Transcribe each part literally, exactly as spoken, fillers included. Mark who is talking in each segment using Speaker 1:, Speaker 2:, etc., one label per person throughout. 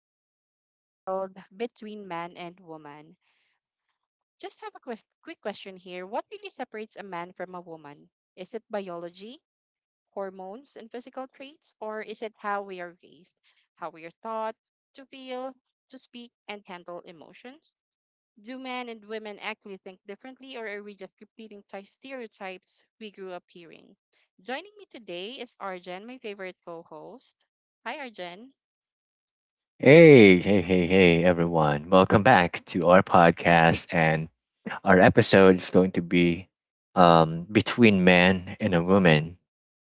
Speaker 1: podcast entitled Between Man and Woman. Just have a quest- quick question here. What really separates a man from a woman? Is it biology, hormones, and physical traits, or is it how we are raised, how we are taught to feel, to speak, and handle emotions? Do men and women actually think differently, or are we just repeating ty- stereotypes we grew up hearing? Joining me today is Arjen, my favorite co host. Hi, Arjen.
Speaker 2: Hey, hey, hey, hey, everyone. Welcome back to our podcast. And our episode is going to be um, Between Man and a Woman.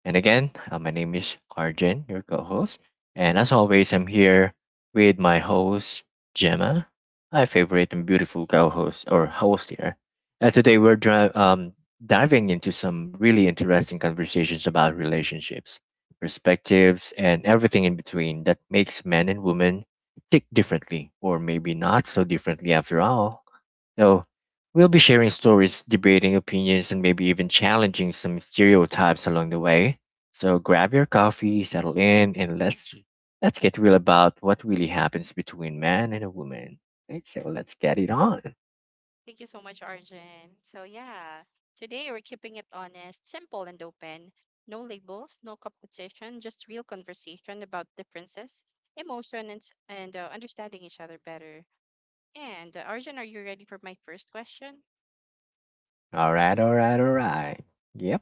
Speaker 2: And again, uh, my name is Arjun, your co host. And as always, I'm here with my host, Gemma, my favorite and beautiful co host or host here. Uh, today, we're dri- um, diving into some really interesting conversations about relationships, perspectives, and everything in between that makes men and women tick differently, or maybe not so differently after all. So, we'll be sharing stories, debating opinions, and maybe even challenging some stereotypes along the way. So, grab your coffee, settle in, and let's let's get real about what really happens between man and a woman. Right, so let's get it on.
Speaker 1: Thank you so much, Arjun. So, yeah, today we're keeping it honest, simple, and open. No labels, no competition, just real conversation about differences, emotion, and, s- and uh, understanding each other better. And uh, Arjun, are you ready for my first question?
Speaker 2: All right, all right, all right. Yep.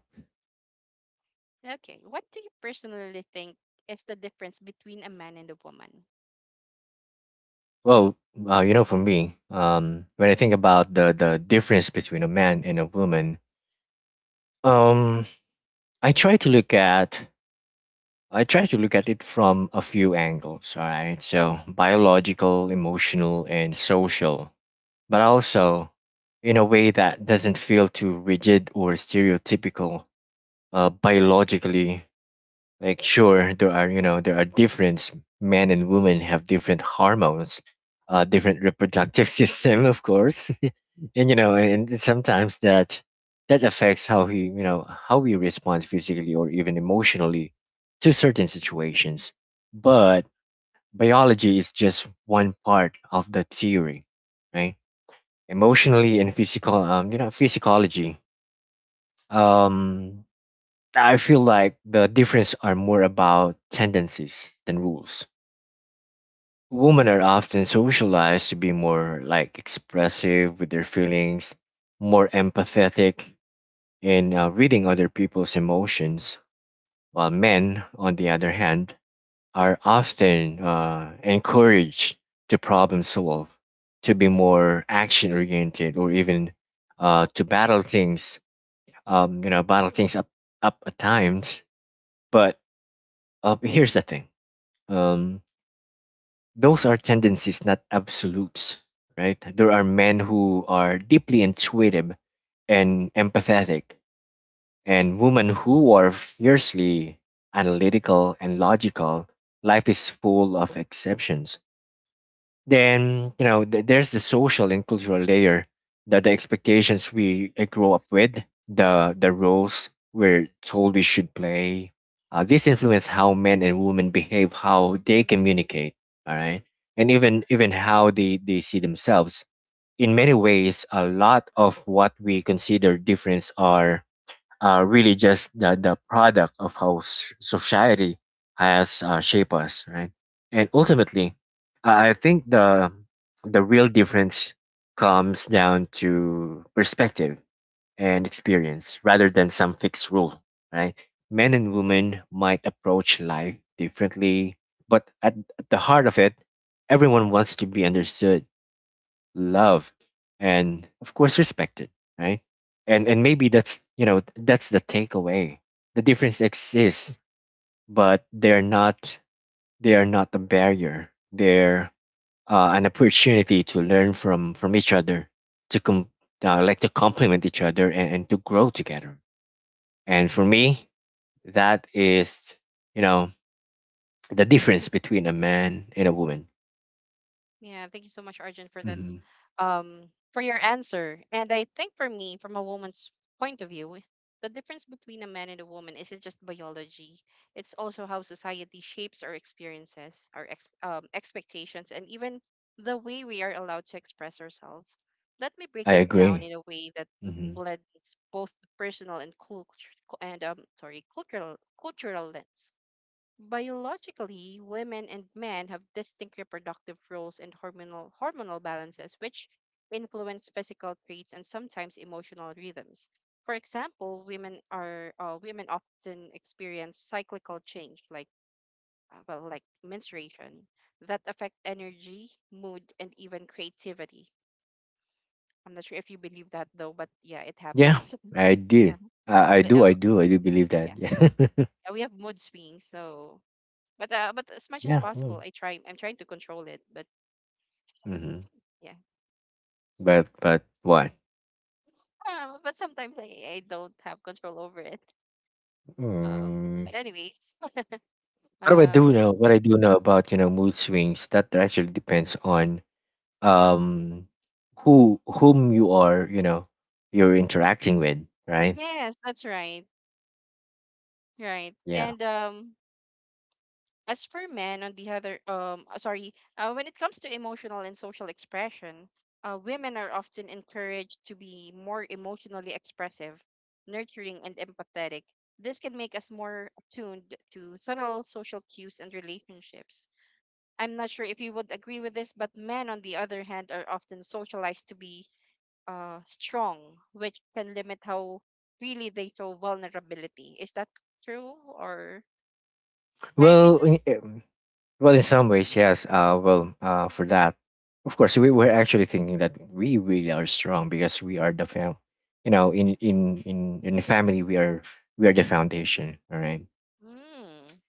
Speaker 1: Okay, what do you personally think is the difference between a man and a woman?
Speaker 2: Well, uh, you know, for me, um, when I think about the the difference between a man and a woman, um, I try to look at I try to look at it from a few angles, all right? So, biological, emotional, and social, but also in a way that doesn't feel too rigid or stereotypical. Uh, biologically, like sure, there are, you know, there are difference. Men and women have different hormones, uh, different reproductive system, of course, and you know and sometimes that that affects how we you know how we respond physically or even emotionally to certain situations but biology is just one part of the theory, right? Emotionally and physical um you know physiology, um I feel like the difference are more about tendencies than rules. Women are often socialized to be more like expressive with their feelings, more empathetic in uh, reading other people's emotions, while men, on the other hand, are often uh, encouraged to problem solve, to be more action oriented, or even uh, to battle things, um, you know, battle things up, up at times. But uh, here's the thing, um, those are tendencies, not absolutes, right? There are men who are deeply intuitive and empathetic and women who are fiercely analytical and logical. Life is full of exceptions. Then, you know, th- there's the social and cultural layer, that the expectations we uh, grow up with, the, the roles we're told we should play. Uh, this influence how men and women behave, how they communicate, all right, and even even how they, they see themselves. In many ways, a lot of what we consider difference are uh, really just the, the product of how s- society has uh, shaped us, right? And ultimately, I I think the the real difference comes down to perspective and experience rather than some fixed rule, right? Men and women might approach life differently, but at, at the heart of it, everyone wants to be understood, loved, and of course respected, right? And and maybe that's you know that's the takeaway. The difference exists, but they're not they are not a barrier. They're uh, an opportunity to learn from from each other, to com- uh, like to complement each other and, and to grow together. And for me, that is you know the difference between a man and a woman.
Speaker 1: Yeah, thank you so much, Arjun, for that
Speaker 2: Hmm.
Speaker 1: um, for your answer. And I think for me, from a woman's point of view, the difference between a man and a woman isn't just biology. It's also how society shapes our experiences, our ex- um, expectations, and even the way we are allowed to express ourselves. Let me break
Speaker 2: I
Speaker 1: it down
Speaker 2: agree.
Speaker 1: in a way that blends both the personal and culture and um sorry cultural cultural lens. Biologically, women and men have distinct reproductive roles and hormonal hormonal balances which influence physical traits and sometimes emotional rhythms. For example, women are uh, women often experience cyclical change like uh, well like menstruation that affect energy, mood and even creativity. I'm not sure if you believe that though, but yeah, it
Speaker 2: Yeah,
Speaker 1: happens.
Speaker 2: I did.
Speaker 1: Uh-huh.
Speaker 2: I, I
Speaker 1: The-
Speaker 2: do. I
Speaker 1: uh,
Speaker 2: do. I do believe that. Yeah.
Speaker 1: yeah, we have mood swings, so but uh, but as much as
Speaker 2: Yeah.
Speaker 1: possible, I try. I'm trying to control it. But
Speaker 2: Mm-hmm.
Speaker 1: yeah,
Speaker 2: But but what?
Speaker 1: uh, but sometimes I, I don't have control over it. Um,
Speaker 2: Mm.
Speaker 1: but anyways,
Speaker 2: What do I do
Speaker 1: um,
Speaker 2: know? What I do know about you know mood swings that actually depends on um who whom you are you know you're interacting with, right?
Speaker 1: yes, that's right, right.
Speaker 2: Yeah.
Speaker 1: And um, as for men, on the other, um, uh, sorry, uh, when it comes to emotional and social expression, uh, women are often encouraged to be more emotionally expressive, nurturing, and empathetic. This can make us more attuned to subtle social cues and relationships. I'm not sure if you would agree with this, but men, on the other hand, are often socialized to be uh, strong, which can limit how really they show vulnerability. Is that true? Or I can
Speaker 2: Well,
Speaker 1: just,
Speaker 2: in- um, Well, in some ways, yes. Uh, well, uh, for that, of course, we were actually thinking that we really are strong because we are the fam. You know, in in in in the family, we are we are the foundation. All right.
Speaker 1: mm,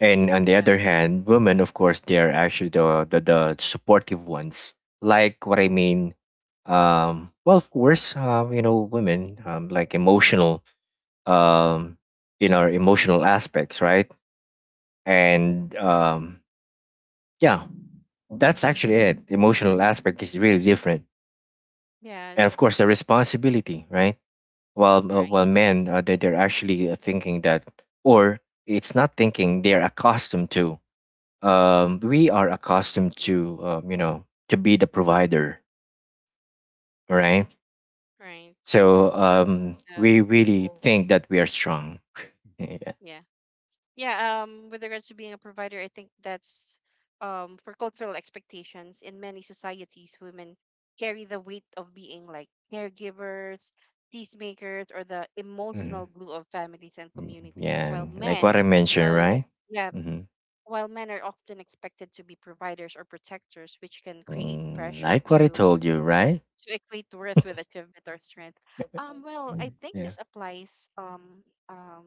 Speaker 2: And on the other
Speaker 1: right.
Speaker 2: hand, women, of course, they are actually the the, the supportive ones. Like what I mean, um, well, of course, uh, you know, women um, like emotional, um, in our emotional aspects, right? And um, yeah, that's actually it. The emotional aspect is really different, and of
Speaker 1: Yes,
Speaker 2: course the responsibility, right? While uh,
Speaker 1: right.
Speaker 2: while men uh, they they're actually uh, thinking that, or it's not thinking they're accustomed to. Um, we are accustomed to um, you know to be the provider, all right?
Speaker 1: Right.
Speaker 2: So um, we
Speaker 1: um,
Speaker 2: really think that we are strong. Yeah,
Speaker 1: yeah. Yeah, um, with regards to being a provider, I think that's um, for cultural expectations in many societies, women carry the weight of being like caregivers, peacemakers, or the
Speaker 2: mhm.
Speaker 1: emotional glue of families and communities,
Speaker 2: Yeah,
Speaker 1: while
Speaker 2: and like what
Speaker 1: men
Speaker 2: I mentioned,
Speaker 1: are,
Speaker 2: right?
Speaker 1: yeah,
Speaker 2: Hmm.
Speaker 1: while men are often expected to be providers or protectors, which can create
Speaker 2: Mm,
Speaker 1: pressure
Speaker 2: like what I
Speaker 1: to
Speaker 2: told you, right?
Speaker 1: to equate worth with achievement or strength. Um, well, I
Speaker 2: Mm,
Speaker 1: think
Speaker 2: yeah.
Speaker 1: this applies. Um, um,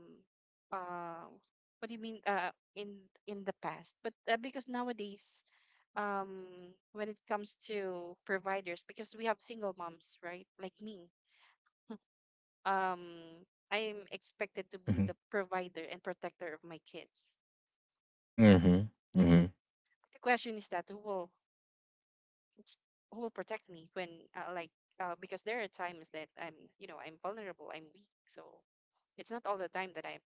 Speaker 1: uh, what do you mean? Uh, in in the past, but uh, because nowadays, um, when it comes to providers, because we have single moms, right? Like me, um, I am expected to be the provider and protector of my kids.
Speaker 2: Hmm.
Speaker 1: Yeah.
Speaker 2: Hmm.
Speaker 1: The question is that who will it's, who will protect me when uh, like uh, because there are times that I'm, you know, I'm vulnerable, I'm weak. So it's not all the time that I'm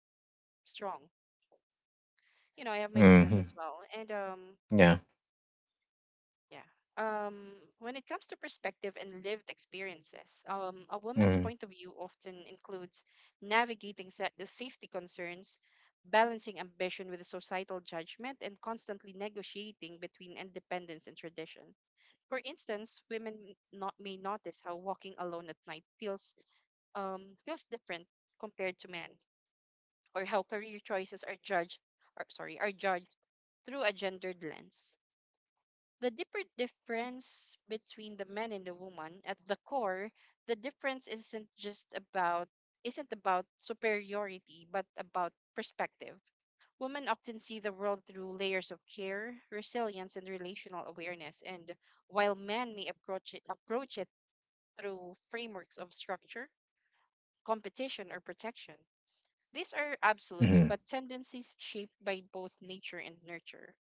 Speaker 1: strong. You know, I have my weakness
Speaker 2: Hmm.
Speaker 1: as well. And um,
Speaker 2: Yeah.
Speaker 1: yeah. Um, when it comes to perspective and lived experiences, um, a woman's
Speaker 2: Hmm.
Speaker 1: point of view often includes navigating sa- the safety concerns, balancing ambition with the societal judgment, and constantly negotiating between independence and tradition. For instance, women m- not may notice how walking alone at night feels um feels different compared to men, or how career choices are judged, or sorry, are judged through a gendered lens. The deeper difference between the man and the woman, at the core, the difference isn't just about isn't about superiority, but about perspective. Women often see the world through layers of care, resilience, and relational awareness, and while men may approach it approach it through frameworks of structure, competition, or protection. These are absolutes,
Speaker 2: Hmm.
Speaker 1: but tendencies shaped by both nature and nurture.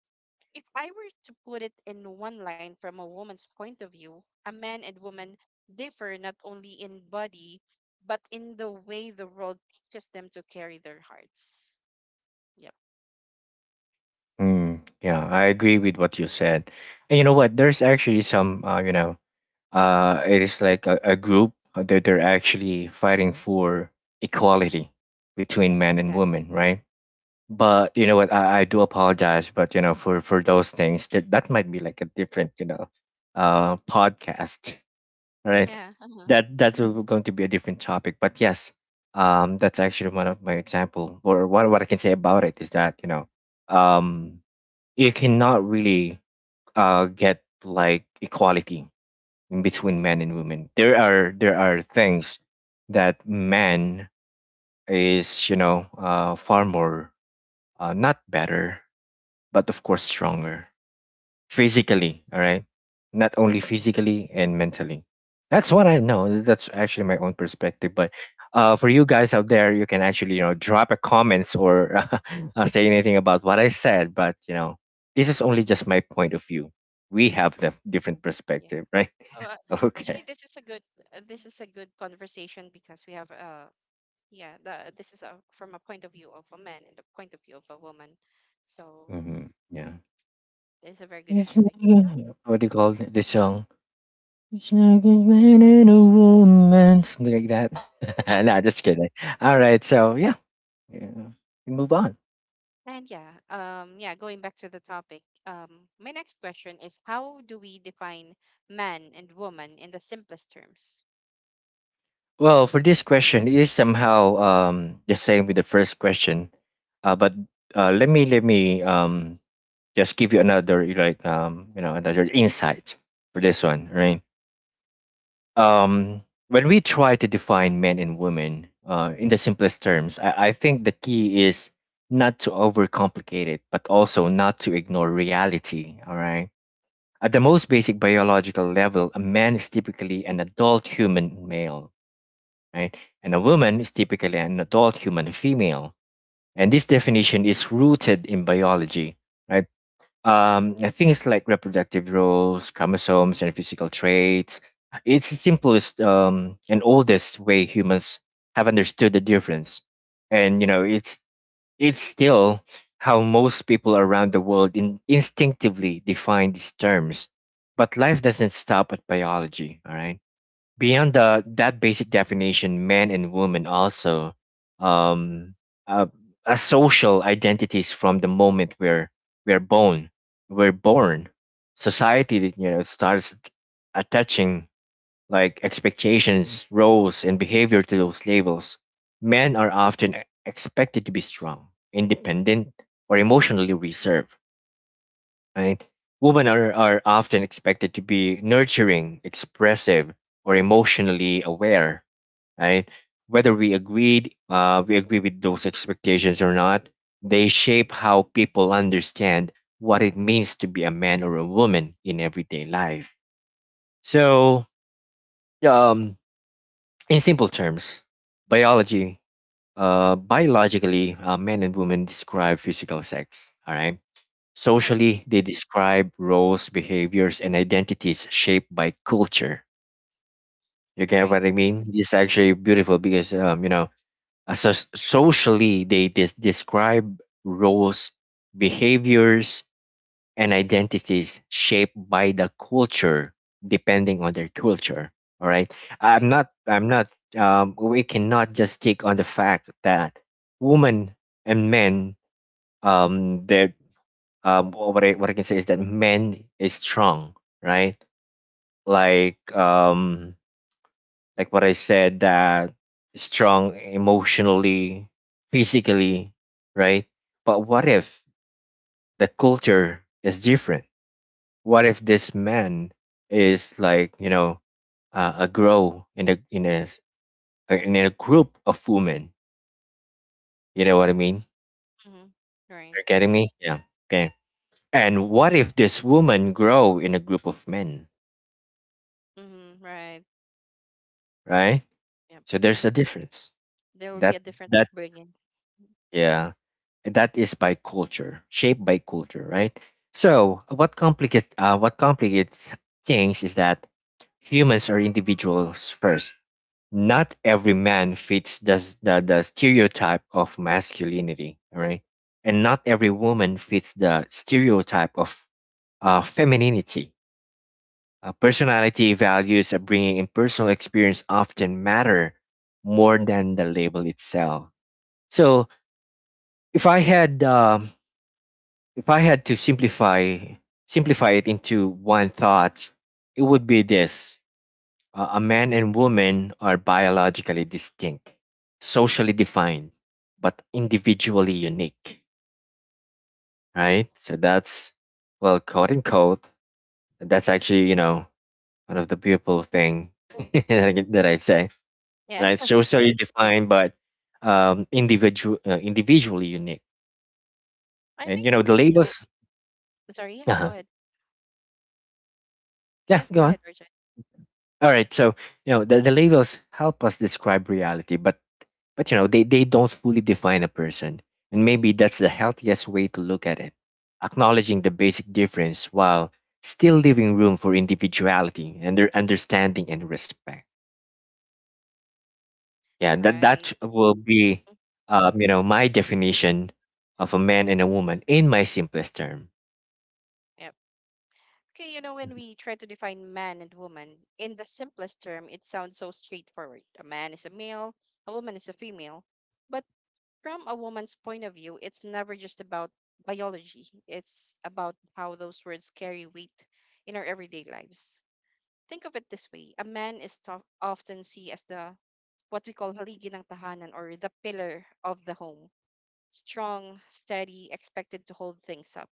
Speaker 1: If I were to put it in one line from a woman's point of view, a man and woman differ not only in body, but in the way the world teaches them to carry their hearts. Yep.
Speaker 2: Mm. Yeah, I agree with what you said. And you know what? There's actually some, uh, you know, uh, it is like a, a group that they're actually fighting for equality between men and
Speaker 1: Yes.
Speaker 2: women, right? But you know what? I, I do apologize, but you know, for for those things, that that might be like a different, you know, uh, podcast. Right,
Speaker 1: Yeah. Uh-huh.
Speaker 2: that that's a- going to be a different topic, but yes, um that's actually one of my example, or what, what I can say about it is that you know, um you cannot really uh get like equality in between men and women. There are there are things that man is you know uh far more uh not better, but of course stronger, physically, all right, not only physically and mentally. That's what I know, that's actually my own perspective. But uh, for you guys out there, you can actually you know drop a comments or uh, say anything about what I said, but you know this is only just my point of view. We
Speaker 1: Yeah.
Speaker 2: have the different
Speaker 1: Yeah.
Speaker 2: perspective, right?
Speaker 1: So uh, actually,
Speaker 2: Okay.
Speaker 1: this is a good uh, this is a good conversation because we have uh yeah the this is a, from a point of view of a man and a point of view of a woman, so
Speaker 2: Hmm. Yeah,
Speaker 1: it's a very good
Speaker 2: it's
Speaker 1: topic.
Speaker 2: not
Speaker 1: So
Speaker 2: gonna- what do you call th- this song, it's not a
Speaker 1: which
Speaker 2: man
Speaker 1: one?
Speaker 2: and a woman, something like that? Nah, just kidding. All right, so yeah. Yeah. We move on.
Speaker 1: And yeah, um, yeah, going back to the topic, um, my next question is how do we define man and woman in the simplest terms?
Speaker 2: Well, for this question, it is somehow um the same with the first question. Uh but uh let me let me um just give you another like um you know another insight for this one, right? Um when we try to define men and women uh in the simplest terms, I, I think the key is not to overcomplicate it, but also not to ignore reality, all right? At the most basic biological level, a man is typically an adult human male, right? And a woman is typically an adult human female. And this definition is rooted in biology, right? Um, and things like reproductive roles, chromosomes, and physical traits. It's the simplest um, and oldest way humans have understood the difference. And, you know,
Speaker 1: Mm,
Speaker 2: it's, it's still how most people around the world in, instinctively define these terms. But life doesn't stop at biology, all right? Beyond the, that basic definition, man and woman also um, uh, are social identities. From the moment we're we're born. We're born. Society, you know, starts attaching like expectations, roles, and behavior to those labels. Men are often expected to be strong, independent, or emotionally reserved, right? Women are, are often expected to be nurturing, expressive, or emotionally aware, right? Whether we agreed, uh, we agree with those expectations or not, they shape how people understand what it means to be a man or a woman in everyday life. So, um, in simple terms, biology, uh, biologically, uh, men and women describe physical sex. All right.
Speaker 1: right,
Speaker 2: Socially, they describe roles, behaviors, and identities shaped by culture. You get
Speaker 1: right,
Speaker 2: what I mean? This is actually beautiful because,
Speaker 1: yep,
Speaker 2: um, you know, as a s- socially, they des- describe roles, behaviors, and identities shaped by the culture, depending on their culture. All right. I'm
Speaker 1: right,
Speaker 2: not, I'm not, um, we cannot just stick on the fact that women and men, um, their, uh, wh- what I what I can say is that men is strong, right? Like um like what I said, that strong emotionally, physically, right? But what if the culture is different? What if this man is like you know uh, a grow in a in a in a group of women? You know what I mean?
Speaker 1: mm-hmm, right,
Speaker 2: You're getting me? Yeah. Okay. And what if this woman grow in a group of men,
Speaker 1: mm-hmm, right.
Speaker 2: right?
Speaker 1: Yep.
Speaker 2: So there's a difference.
Speaker 1: There will be a
Speaker 2: that
Speaker 1: different
Speaker 2: that
Speaker 1: upbringing.
Speaker 2: yeah that is by culture, shaped by culture, right? So what complicates uh, what complicates things is that humans are individuals first. Not every man fits the, s- the, the stereotype of masculinity, all right, and not every woman fits the stereotype of uh, femininity. uh, personality, values, upbringing, and personal experience often matter more than the label itself. So, if I had um, if I had to simplify simplify it into one thought, it would be this: uh, a man and woman are biologically distinct, socially defined, but individually unique. Right. So that's, well, quote unquote, that's actually you know one of the beautiful thing that I that I say.
Speaker 1: Yeah.
Speaker 2: Right. Socially defined, but um, individual uh, individually unique.
Speaker 1: I
Speaker 2: And
Speaker 1: think
Speaker 2: you know
Speaker 1: for
Speaker 2: the
Speaker 1: me, you know,
Speaker 2: labels.
Speaker 1: sorry, yeah,
Speaker 2: Uh-huh.
Speaker 1: go ahead.
Speaker 2: Yeah.
Speaker 1: Yes,
Speaker 2: Go
Speaker 1: go
Speaker 2: on.
Speaker 1: ahead, Richard.
Speaker 2: All right, so you know the, the labels help us describe reality, but but you know they they don't fully define a person, and maybe that's the healthiest way to look at it, acknowledging the basic difference while still leaving room for individuality and their understanding and respect. Yeah, that
Speaker 1: Right.
Speaker 2: that will be,
Speaker 1: Mm-hmm,
Speaker 2: um, you know, my definition of a man and a woman in my simplest term.
Speaker 1: yep. Okay, you know, when we try to define man and woman in the simplest term, it sounds so straightforward. A man is a male, a woman is a female. But from a woman's point of view, it's never just about biology, it's about how those words carry weight in our everyday lives. Think of it this way: a man is to- often seen as the what we call haligi ng tahanan, or the pillar of the home. Strong, steady, expected to hold things up.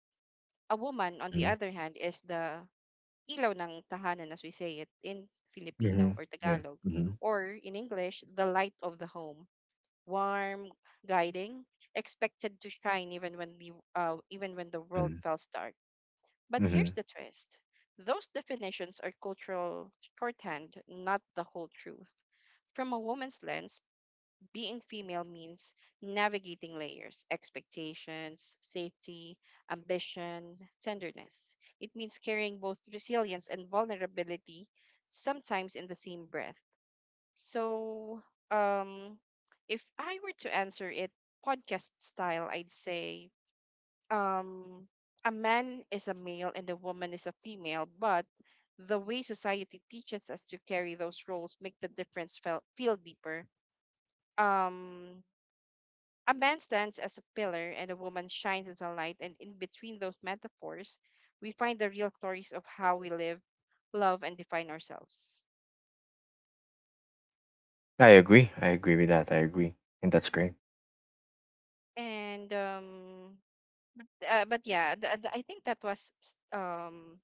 Speaker 1: A woman, on the
Speaker 2: Mm-hmm.
Speaker 1: other hand, is the ilaw ng tahanan, as we say it in
Speaker 2: Mm-hmm.
Speaker 1: Filipino or
Speaker 2: Yeah.
Speaker 1: Tagalog,
Speaker 2: Mm-hmm.
Speaker 1: or in English, the light of the home: warm, guiding, expected to shine even when the uh, even when the world feels dark. But here's
Speaker 2: Mm-hmm.
Speaker 1: the twist: those definitions are cultural shorthand, not the whole truth. From a woman's lens, being female means navigating layers, expectations, safety, ambition, tenderness. It means carrying both resilience and vulnerability, sometimes in the same breath. So, um, if I were to answer it podcast style, I'd say um, a man is a male and a woman is a female, but the way society teaches us to carry those roles make the difference feel, feel deeper. Um, a man stands as a pillar and a woman shines as a light, and in between those metaphors, we find the real stories of how we live, love, and define ourselves.
Speaker 2: I agree. I
Speaker 1: That's-
Speaker 2: agree with that. I
Speaker 1: mhm.
Speaker 2: agree, and that's great.
Speaker 1: And um, uh, but yeah, the, the, I think that was s- um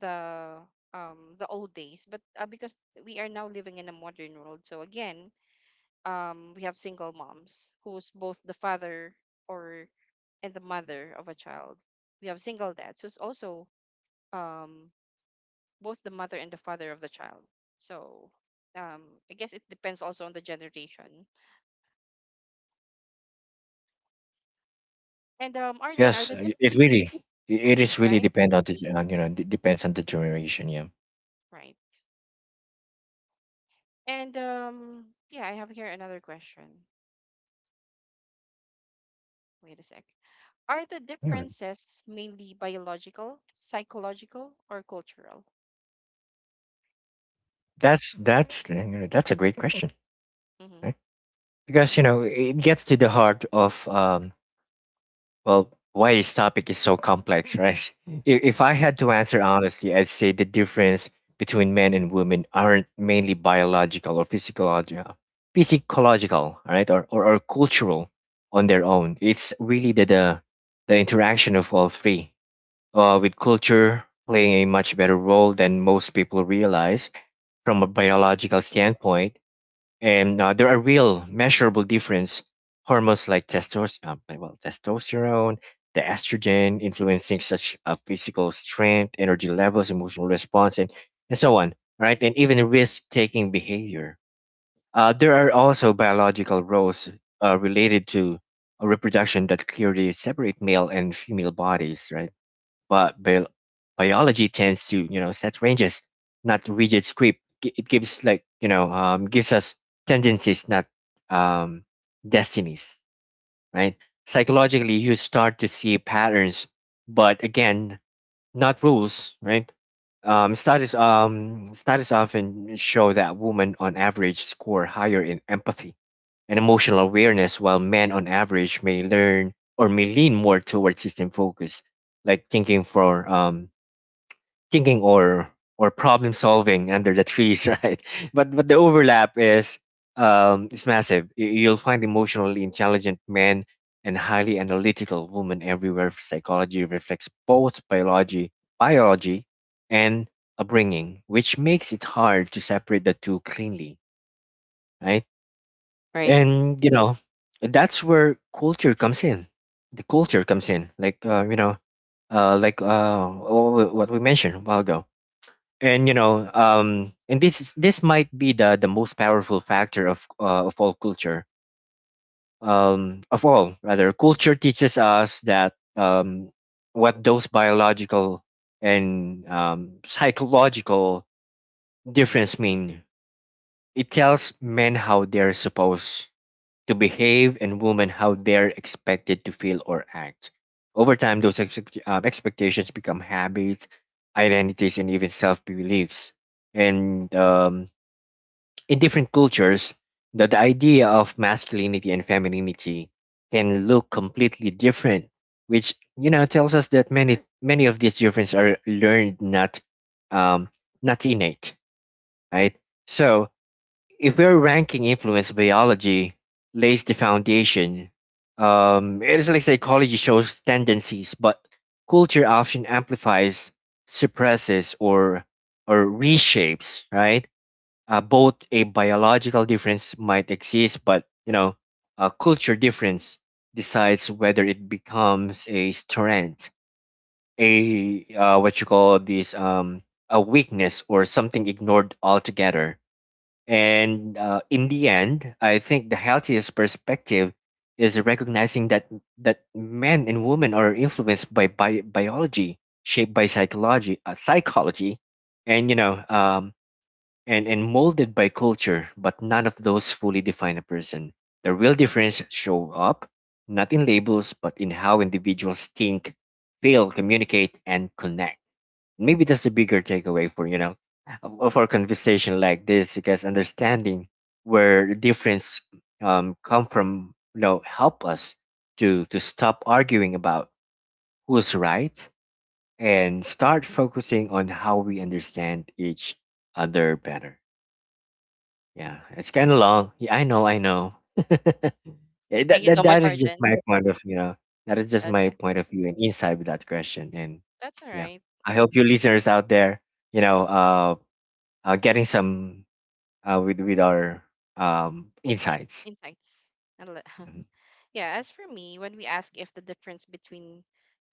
Speaker 1: the um the old days. But uh, because we are now living in a modern world, so again, um, we have single moms who's both the father or and the mother of a child. We have single dads who's also um both the mother and the father of the child. So um, I guess it depends also on the generation. And um, Arjan, are
Speaker 2: Yes,
Speaker 1: the dip-
Speaker 2: uh, it really, it
Speaker 1: mhm,
Speaker 2: is really
Speaker 1: right,
Speaker 2: depend on the ge- you know d- depends on the generation. Yeah.
Speaker 1: right. And um, yeah, I have here another question. Wait a sec. Are the
Speaker 2: Yeah,
Speaker 1: differences mainly biological, psychological, or cultural?
Speaker 2: that's that's uh, you know, that's a great question, right?
Speaker 1: Mm-hmm.
Speaker 2: Because you know it gets to the heart of um well, why this topic is so complex, right? If, if I had
Speaker 1: Yes.
Speaker 2: to answer honestly, I'd say the difference between men and women aren't mainly biological or physiological, physiological, right, or, or or cultural on their own. It's really the the, the interaction of all three, uh, with culture playing a much better role than most people realize from a biological standpoint, and uh, there are real measurable difference, hormones like testos- um, well, testosterone, the estrogen influencing such uh, physical strength, energy levels, emotional response, and, and so on, right, and even risk taking behavior. uh, there are also biological roles uh, related to uh, reproduction that clearly separate male and female bodies, right? But bio- biology tends to you know set ranges, not rigid script. Gi- It gives like you know um, gives us tendencies, not um, destinies, right? Psychologically, you start to see patterns, but again, not rules, right? Um, studies um studies often show that women on average score higher in empathy and emotional awareness, while men on average may learn or may lean more towards system focus, like thinking for um thinking or or problem solving under the trees, right? But but the overlap is um is massive. Y- You'll find emotionally intelligent men and highly analytical women everywhere. Psychology reflects both biology, biology and upbringing, which makes it hard to separate the two cleanly, right?
Speaker 1: Right.
Speaker 2: And you know that's where culture comes in. The culture comes in, like uh, you know, uh, like uh, wh- wh- what we mentioned a while ago, and you know um and this is- this might be the the most powerful factor of uh, of all culture um of all, rather, culture teaches us that um what those biological and um psychological difference mean. It tells men how they're supposed to behave and women how they're expected to feel or act. Over time those expect- um, expectations become habits, identities, and even self-beliefs. And um in different cultures, the, the idea of masculinity and femininity can look completely different, which you know tells us that many many of these differences are learned, not um, not innate, right? So if we're ranking influence, biology lays the foundation. Um, it is like psychology shows tendencies, but culture often amplifies, suppresses, or or reshapes, right? Uh, both a biological difference might exist, but you know, a culture difference decides whether it becomes a strength, a uh, what you call this um, a weakness or something ignored altogether. And uh, in the end, I think the healthiest perspective is recognizing that that men and women are influenced by bi- biology, shaped by psychology, uh, psychology, and you know, um, and, and molded by culture, but none of those fully define a person. The real difference show up not in labels, but in how individuals think, feel, communicate, and connect. Maybe that's the bigger takeaway for you know of, of our conversation like this, because understanding where difference um, come from, you know, help us to to stop arguing about who's right and start focusing on how we understand each other better. Yeah, it's kind of long. Yeah, I know, I know. Yeah,
Speaker 1: Thank
Speaker 2: that,
Speaker 1: you
Speaker 2: that
Speaker 1: so much,
Speaker 2: that is just
Speaker 1: Arjen.
Speaker 2: my point of you know that is just my
Speaker 1: Okay.
Speaker 2: point of view and insight with that question. And
Speaker 1: That's all
Speaker 2: yeah,
Speaker 1: right.
Speaker 2: I hope you listeners out there, you know, uh, are getting some uh with with our um insights.
Speaker 1: Insights. And le-
Speaker 2: Mhm.
Speaker 1: yeah, as for me, when we ask if the difference between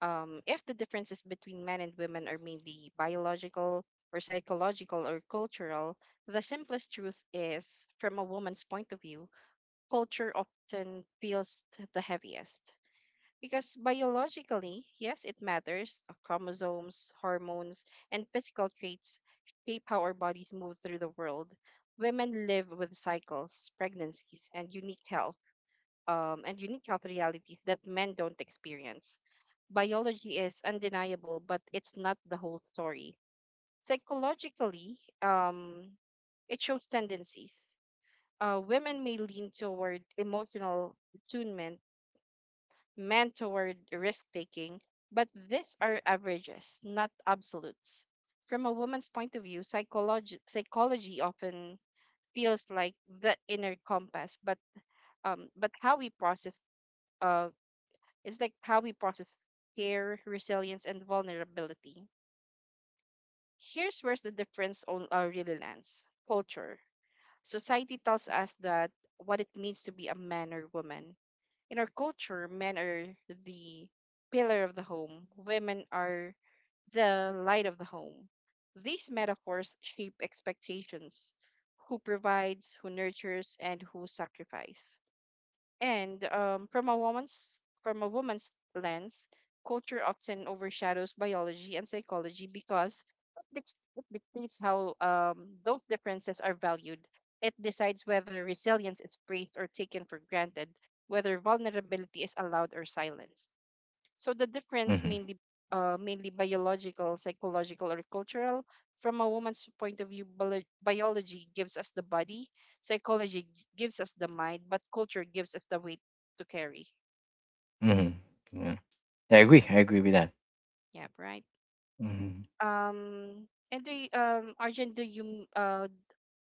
Speaker 1: um if the differences between men and women are mainly biological or psychological or cultural, the simplest truth is from a woman's point of view, culture often feels the heaviest. Because biologically, yes, it matters. Uh, Chromosomes, hormones, and physical traits shape how our bodies move through the world. Women live with cycles, pregnancies, and unique health, um, and unique health realities that men don't experience. Biology is undeniable, but it's not the whole story. Psychologically, um, it shows tendencies. Uh, women may lean toward emotional attunement meant toward risk taking, but these are averages, not absolutes. From a woman's point of view, psychology, psychology often feels like the inner compass, but um, but how we process uh, it's like how we process care, resilience, and vulnerability. Here's where the difference on our really lands: culture. Society tells us that what it means to be a man or woman, in our culture, men are the pillar of the home, women are the light of the home. These metaphors shape expectations: who provides, who nurtures, and who sacrifices. And um, from a woman's from a woman's lens, culture often overshadows biology and psychology because it dic- it dictates how um, those differences are valued. It decides whether resilience is praised or taken for granted, whether vulnerability is allowed or silenced. So the difference
Speaker 2: Mm-hmm.
Speaker 1: mainly uh, mainly biological, psychological, or cultural. From a woman's point of view, biolo- biology gives us the body, psychology g- gives us the mind, but culture gives us the weight to carry.
Speaker 2: Mm-hmm. Yeah. I agree. I agree with that.
Speaker 1: Yep, right.
Speaker 2: Mm-hmm.
Speaker 1: Um, and do you, um, Arjun, do you uh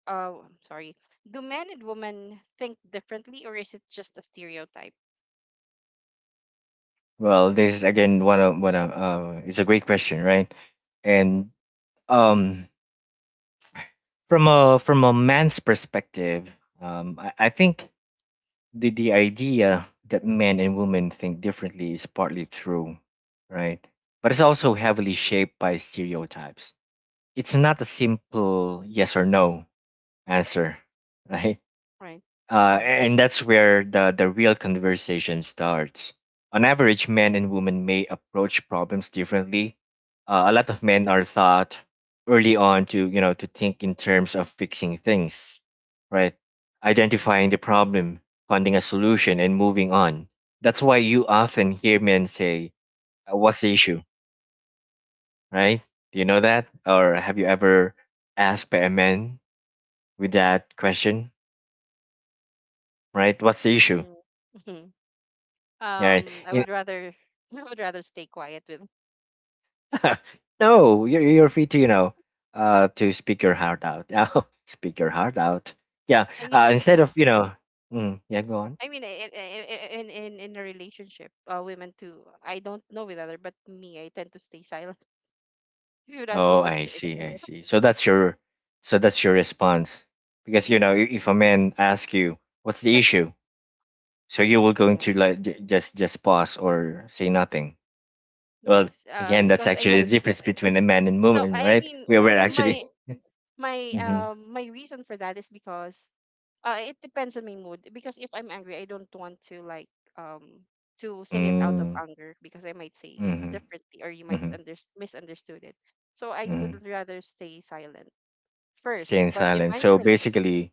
Speaker 1: uh I'm sorry, do men and women think differently, or is it just a stereotype?
Speaker 2: Well, this is again one of one of uh, it's a great question, right? And um from a from a man's perspective, um, I, I think the the idea that men and women think differently is partly true, right? But it's also heavily shaped by stereotypes. It's not a simple yes or no answer, right?
Speaker 1: Right.
Speaker 2: Uh, and that's where the, the real conversation starts. On average, men and women may approach problems differently. Uh, a lot of men are taught early on to you know to think in terms of fixing things, right? Identifying the problem, finding a solution, and moving on. That's why you often hear men say, uh, "What's the issue?" Right? Do you know that, or have you ever asked by a man with that question? Right? What's the issue?
Speaker 1: Mm-hmm.
Speaker 2: Right?
Speaker 1: Um, I would rather I would rather stay quiet with.
Speaker 2: No, you're, you're free to you know, uh, to speak your heart out. Oh, speak your heart out. Yeah.
Speaker 1: I
Speaker 2: Uh,
Speaker 1: mean,
Speaker 2: instead of you know, mm, yeah, go
Speaker 1: I
Speaker 2: on.
Speaker 1: mean, in in in in a relationship, uh, women too. I don't know with other, but me, I tend to stay silent. If you would ask
Speaker 2: Oh,
Speaker 1: me what's
Speaker 2: I
Speaker 1: the
Speaker 2: see,
Speaker 1: issue,
Speaker 2: I see. So that's your, so that's your response, because you know, i-
Speaker 1: yeah,
Speaker 2: if a man asks you what's
Speaker 1: because
Speaker 2: the issue, so you will going
Speaker 1: yeah,
Speaker 2: to like j- just just pause or say nothing. Well,
Speaker 1: yes, uh,
Speaker 2: again, that's
Speaker 1: because I
Speaker 2: actually
Speaker 1: might
Speaker 2: the difference between a man and
Speaker 1: no,
Speaker 2: woman,
Speaker 1: I
Speaker 2: right?
Speaker 1: mean
Speaker 2: We
Speaker 1: o-
Speaker 2: were actually.
Speaker 1: my my
Speaker 2: Mm-hmm.
Speaker 1: um my reason for that is because uh it depends on my mood. Because if I'm angry, I don't want to like um to say it out of
Speaker 2: Mm,
Speaker 1: anger because I might say it
Speaker 2: mm-hmm.
Speaker 1: differently or you might
Speaker 2: Mm-hmm.
Speaker 1: under misunderstood it. So I
Speaker 2: Mm-hmm.
Speaker 1: would rather stay silent first,
Speaker 2: Staying
Speaker 1: but
Speaker 2: silent. So
Speaker 1: eventually
Speaker 2: basically,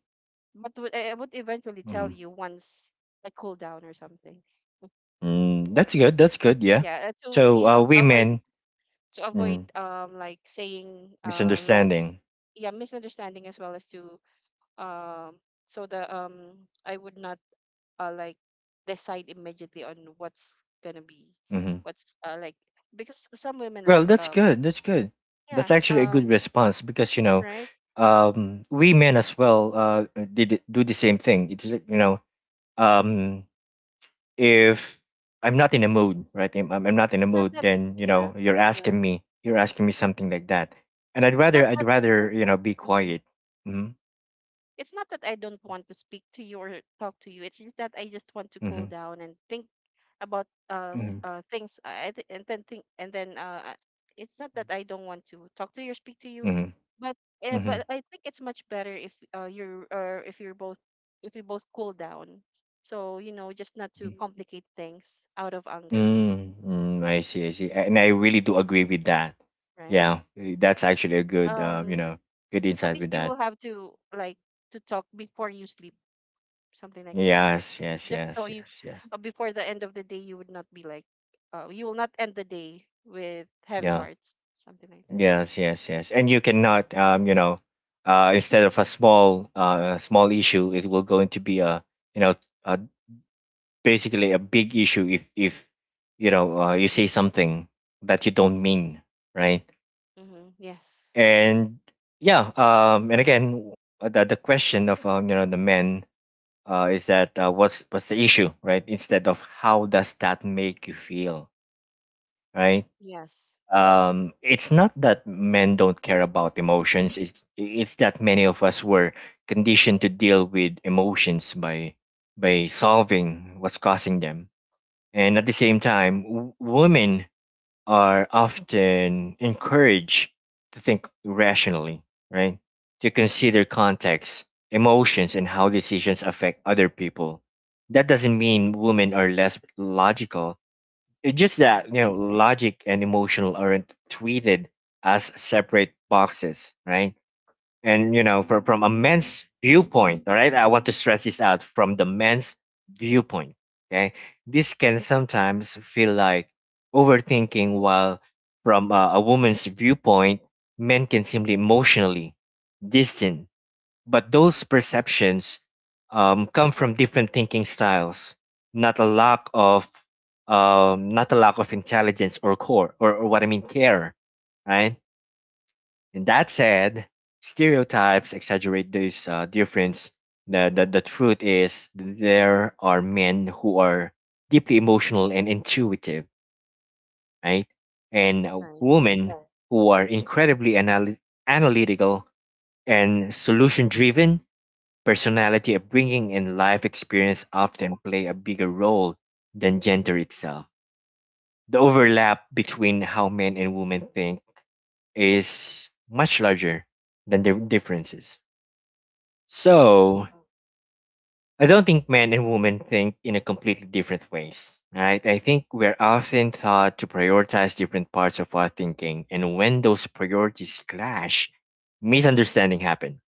Speaker 1: but would- I I would eventually tell
Speaker 2: mm,
Speaker 1: you once I cool down or something.
Speaker 2: mm, that's good. That's good. Yeah.
Speaker 1: Yeah, uh, to
Speaker 2: So
Speaker 1: you
Speaker 2: uh,
Speaker 1: know to avoid
Speaker 2: women
Speaker 1: to avoid
Speaker 2: mm,
Speaker 1: um like saying uh wrong this
Speaker 2: misunderstanding.
Speaker 1: yeah misunderstanding as well as to um so that um I would not uh like decide immediately on what's gonna be
Speaker 2: Hmm.
Speaker 1: what's uh like because some women
Speaker 2: Well,
Speaker 1: like
Speaker 2: that's
Speaker 1: uh
Speaker 2: good. That's good.
Speaker 1: yeah
Speaker 2: That's actually a good
Speaker 1: um
Speaker 2: response because you know,
Speaker 1: right
Speaker 2: um, we men as well uh did do the same thing. It's like, you know, um, if I'm not in a mood, right? I'm, I'm not in a
Speaker 1: it's not
Speaker 2: mood.
Speaker 1: that
Speaker 2: Then you
Speaker 1: yeah
Speaker 2: know, you're yeah, asking me, you're asking me something like that, and I'd
Speaker 1: it's not
Speaker 2: rather, I'd
Speaker 1: that
Speaker 2: rather you know, be
Speaker 1: mhm.
Speaker 2: quiet. Mm-hmm.
Speaker 1: It's not that I don't want to speak to you or talk to you. It's just that I just want to cool
Speaker 2: Mm-hmm.
Speaker 1: down and think about uh, s-
Speaker 2: Mm-hmm.
Speaker 1: uh things. I th- and then think and then uh I- it's not that I don't want to talk to you or speak to you,
Speaker 2: Mm-hmm.
Speaker 1: but
Speaker 2: Mm-hmm.
Speaker 1: uh,
Speaker 2: Mm-hmm.
Speaker 1: but I think it's much better if uh you're or if you're both if you both cool down. So you know just not to complicate things out of anger,
Speaker 2: Mm, mm, I see, I see,
Speaker 1: mhm,
Speaker 2: and I really do agree with that.
Speaker 1: right?
Speaker 2: Yeah, eh, that's actually a good, uh, you
Speaker 1: Um,
Speaker 2: know, good
Speaker 1: at
Speaker 2: insight with
Speaker 1: least you
Speaker 2: that.
Speaker 1: will have to like to talk before you sleep, something like that.
Speaker 2: Yes, yes,
Speaker 1: Just so
Speaker 2: yes,
Speaker 1: you
Speaker 2: yes, yes.
Speaker 1: uh, before the end of the day you would not be like uh, you will not end the day with heavy
Speaker 2: Yeah,
Speaker 1: hearts something like that.
Speaker 2: yes, yes, yes. And you cannot, um, you know, uh, instead of a small, uh, small issue, it will going to be a, you know, uh basically a big issue if, if, you know, uh, you say something that you don't mean, right?
Speaker 1: Mm-hmm, yes,
Speaker 2: And
Speaker 1: that's right.
Speaker 2: yeah,
Speaker 1: That
Speaker 2: um, and again, uh, the the question of, um, you know, the men uh, is that uh, what's what's the issue, right, instead of how does that make you feel, right?
Speaker 1: yes.
Speaker 2: Um, it's not that men don't care about emotions. It's it's that many of us were conditioned to deal with emotions by by solving what's causing them, and at the same time w- women are often encouraged to think rationally, right? To consider context, emotions, and how decisions affect other people. That doesn't mean women are less logical. It's just
Speaker 1: Mm-hmm.
Speaker 2: that, you know, logic and emotional aren't treated as separate boxes, right? And you know from, from a man's viewpoint, all right, I want to stress this out, from the man's viewpoint, okay, this can sometimes feel like overthinking, while from a, a woman's viewpoint men can seem emotionally distant, but those perceptions um, come from different thinking styles, not a lack of um, not a lack of intelligence or core or, or what I mean care, right? And that said, stereotypes exaggerate this uh, difference. The, the, the truth is, there are men who are deeply emotional and intuitive, right? And uh,
Speaker 1: Right.
Speaker 2: women who are incredibly anal- analytical and solution driven. Personality, upbringing, and life experience often play a bigger role than gender itself. The overlap between how men and women think is much larger than the differences.
Speaker 1: Mm-hmm.
Speaker 2: So I don't think men and women think in a completely different ways, right? I think we're often taught to prioritize different parts of our thinking, and when those priorities clash, misunderstanding happen,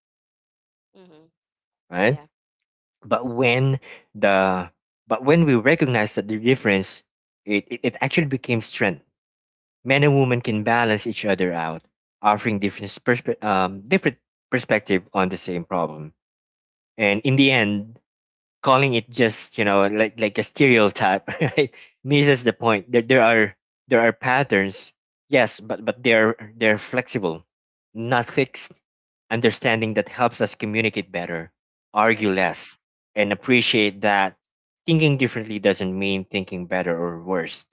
Speaker 1: Mm-hmm.
Speaker 2: right?
Speaker 1: Yeah.
Speaker 2: But when the but when we recognize that the difference, it, it, it actually became strength. Men and women can balance each other out, offering different perspe- um, different perspective on the same problem. And in the end, calling it just you know like like a stereotype right misses the point. There, there are there are patterns, yes, but but they're they're flexible, not fixed. Understanding that helps us communicate better, argue
Speaker 1: Right,
Speaker 2: less, and appreciate that thinking differently doesn't mean thinking better or worse.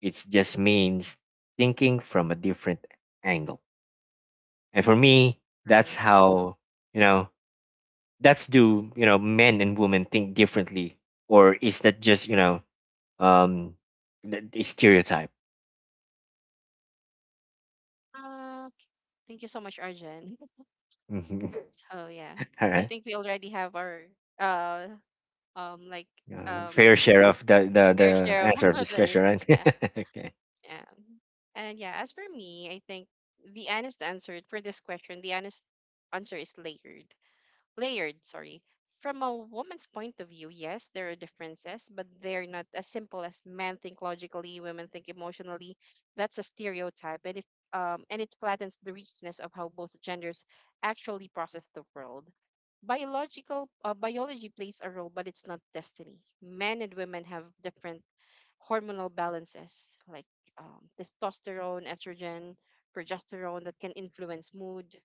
Speaker 2: It just means thinking from a different angle. And for me, that's
Speaker 1: right.
Speaker 2: how you know that's do you know men and women think differently or is that just you know um the, the stereotype.
Speaker 1: uh, thank you so much, Arjun.
Speaker 2: Mhm.
Speaker 1: So yeah,
Speaker 2: All
Speaker 1: I
Speaker 2: right.
Speaker 1: think we already have our uh um like
Speaker 2: Uh, fair
Speaker 1: um
Speaker 2: share of the, the
Speaker 1: fair
Speaker 2: the
Speaker 1: share of
Speaker 2: answer of this
Speaker 1: the
Speaker 2: question, right?
Speaker 1: yeah.
Speaker 2: Okay.
Speaker 1: Yeah. And yeah, as for me, I think the honest answer for this question, the honest answer is layered. Layered, sorry. From a woman's point of view, yes, there are differences, but they're not as simple as men think logically, women think emotionally. That's a stereotype, and it um, and it flattens the richness of how both genders actually process the world. Biological uh, Biology plays a role, but it's not destiny. Men and women have different hormonal balances like um, testosterone, estrogen, progesterone that can influence mood,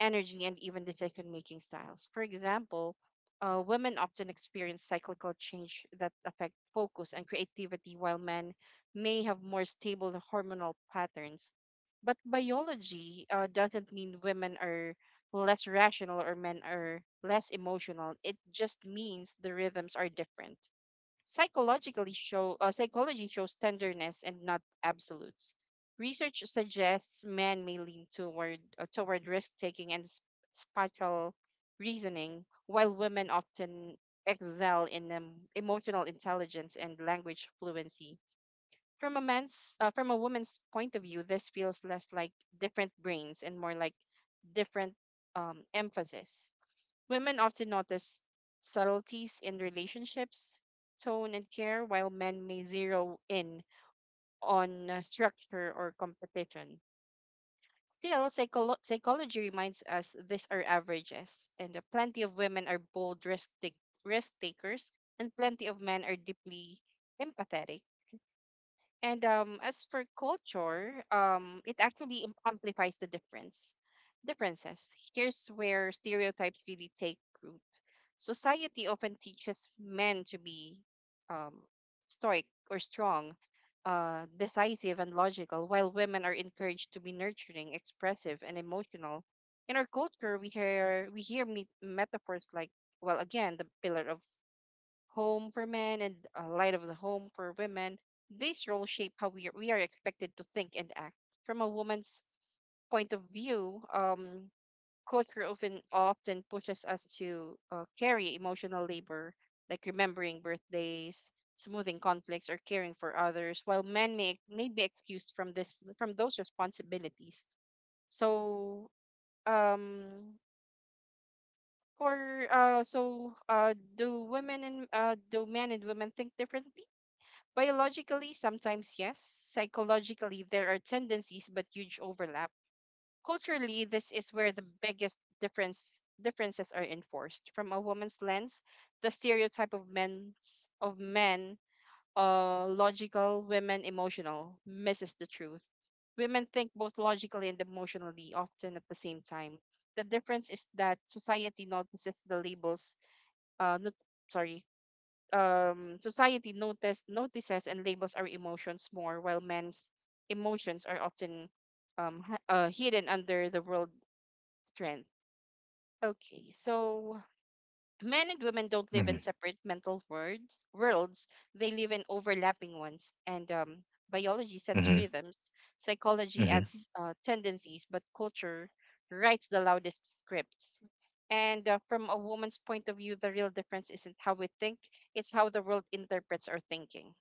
Speaker 1: energy, and even decision making styles. For example, uh, women often experience cyclical change that affect focus and creativity, while men may have more stable hormonal patterns. But biology uh, doesn't mean women are less rational or men are less emotional. It just means the rhythms are different. Psychologically show uh, Psychology shows tenderness and not absolutes. Research suggests men may lean toward uh, toward risk taking and sp- spatial reasoning, while women often excel in um, emotional intelligence and language fluency. From a man's uh, from a woman's point of view, this feels less like different brains and more like different um, emphasis. Women often notice subtleties in relationships, tone, and care, while men may zero in on uh, structure or competition. Still, psycholo- psychology reminds us these are averages, and uh, plenty of women are bold risk, take- risk takers, and plenty of men are deeply empathetic. And um, as for culture, um, it actually im- amplifies the difference. Differences. Here's where stereotypes really take root. Society often teaches men to be um, stoic or strong, uh, decisive and logical, while women are encouraged to be nurturing, expressive, and emotional. In our culture, we hear we hear me- metaphors like, well, again, the pillar of home for men and a light of the home for women, these roles shape how we, are, we are expected to think and act. From a woman's point of view, um, culture often often pushes us to uh, carry emotional labor, like remembering birthdays, smoothing conflicts, or caring for others, while men may, may be excused from this from those responsibilities. So, um, for uh, so uh, do women and uh, do men and women think differently? Biologically, sometimes yes. Psychologically, there are tendencies but huge overlap. Culturally, this is where the biggest difference differences are enforced. From a woman's lens, the stereotype of men's of men, uh, logical, women emotional, misses the truth. Women think both logically and emotionally, often at the same time. The difference is that society notices the labels, uh, not, sorry, um, society notice, notices and labels our emotions more, while men's emotions are often um, hi- uh, hidden under the world strength. Okay, so men and women don't live in
Speaker 2: Hmm.
Speaker 1: separate mental worlds, worlds. They live in overlapping ones. And um, biology sets
Speaker 2: Hmm.
Speaker 1: rhythms, psychology
Speaker 2: Hmm.
Speaker 1: adds uh, tendencies, but culture writes the loudest scripts. And uh, from a woman's point of view, the real difference isn't how we think, it's how the world interprets our thinking.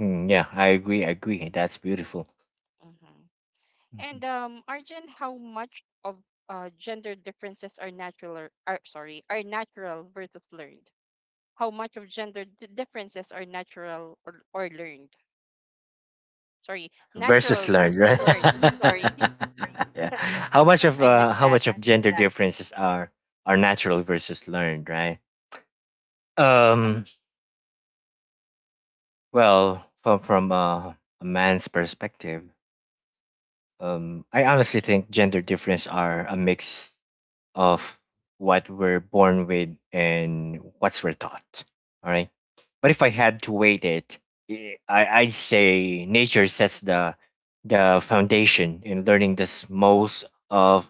Speaker 2: Mm, yeah, I agree, I agree, that's beautiful.
Speaker 1: Hmm.
Speaker 2: Mhm.
Speaker 1: And um, Arjun, how much of uh, gender differences are natural, or, are, sorry, are natural versus learned? How much of gender d- differences are natural or, or learned. Sorry,
Speaker 2: versus
Speaker 1: natural
Speaker 2: learned,
Speaker 1: versus
Speaker 2: right?
Speaker 1: learned. Sorry,
Speaker 2: Yeah. how much of
Speaker 1: I
Speaker 2: uh
Speaker 1: missed
Speaker 2: how
Speaker 1: that.
Speaker 2: much of gender differences are are natural versus learned, right? um well, from from uh, a man's perspective. Um, I honestly think gender difference are a mix of what we're born with and what's we're taught. All right. But if I had to weight it, eh, I, I'd say nature sets the the foundation in learning this most of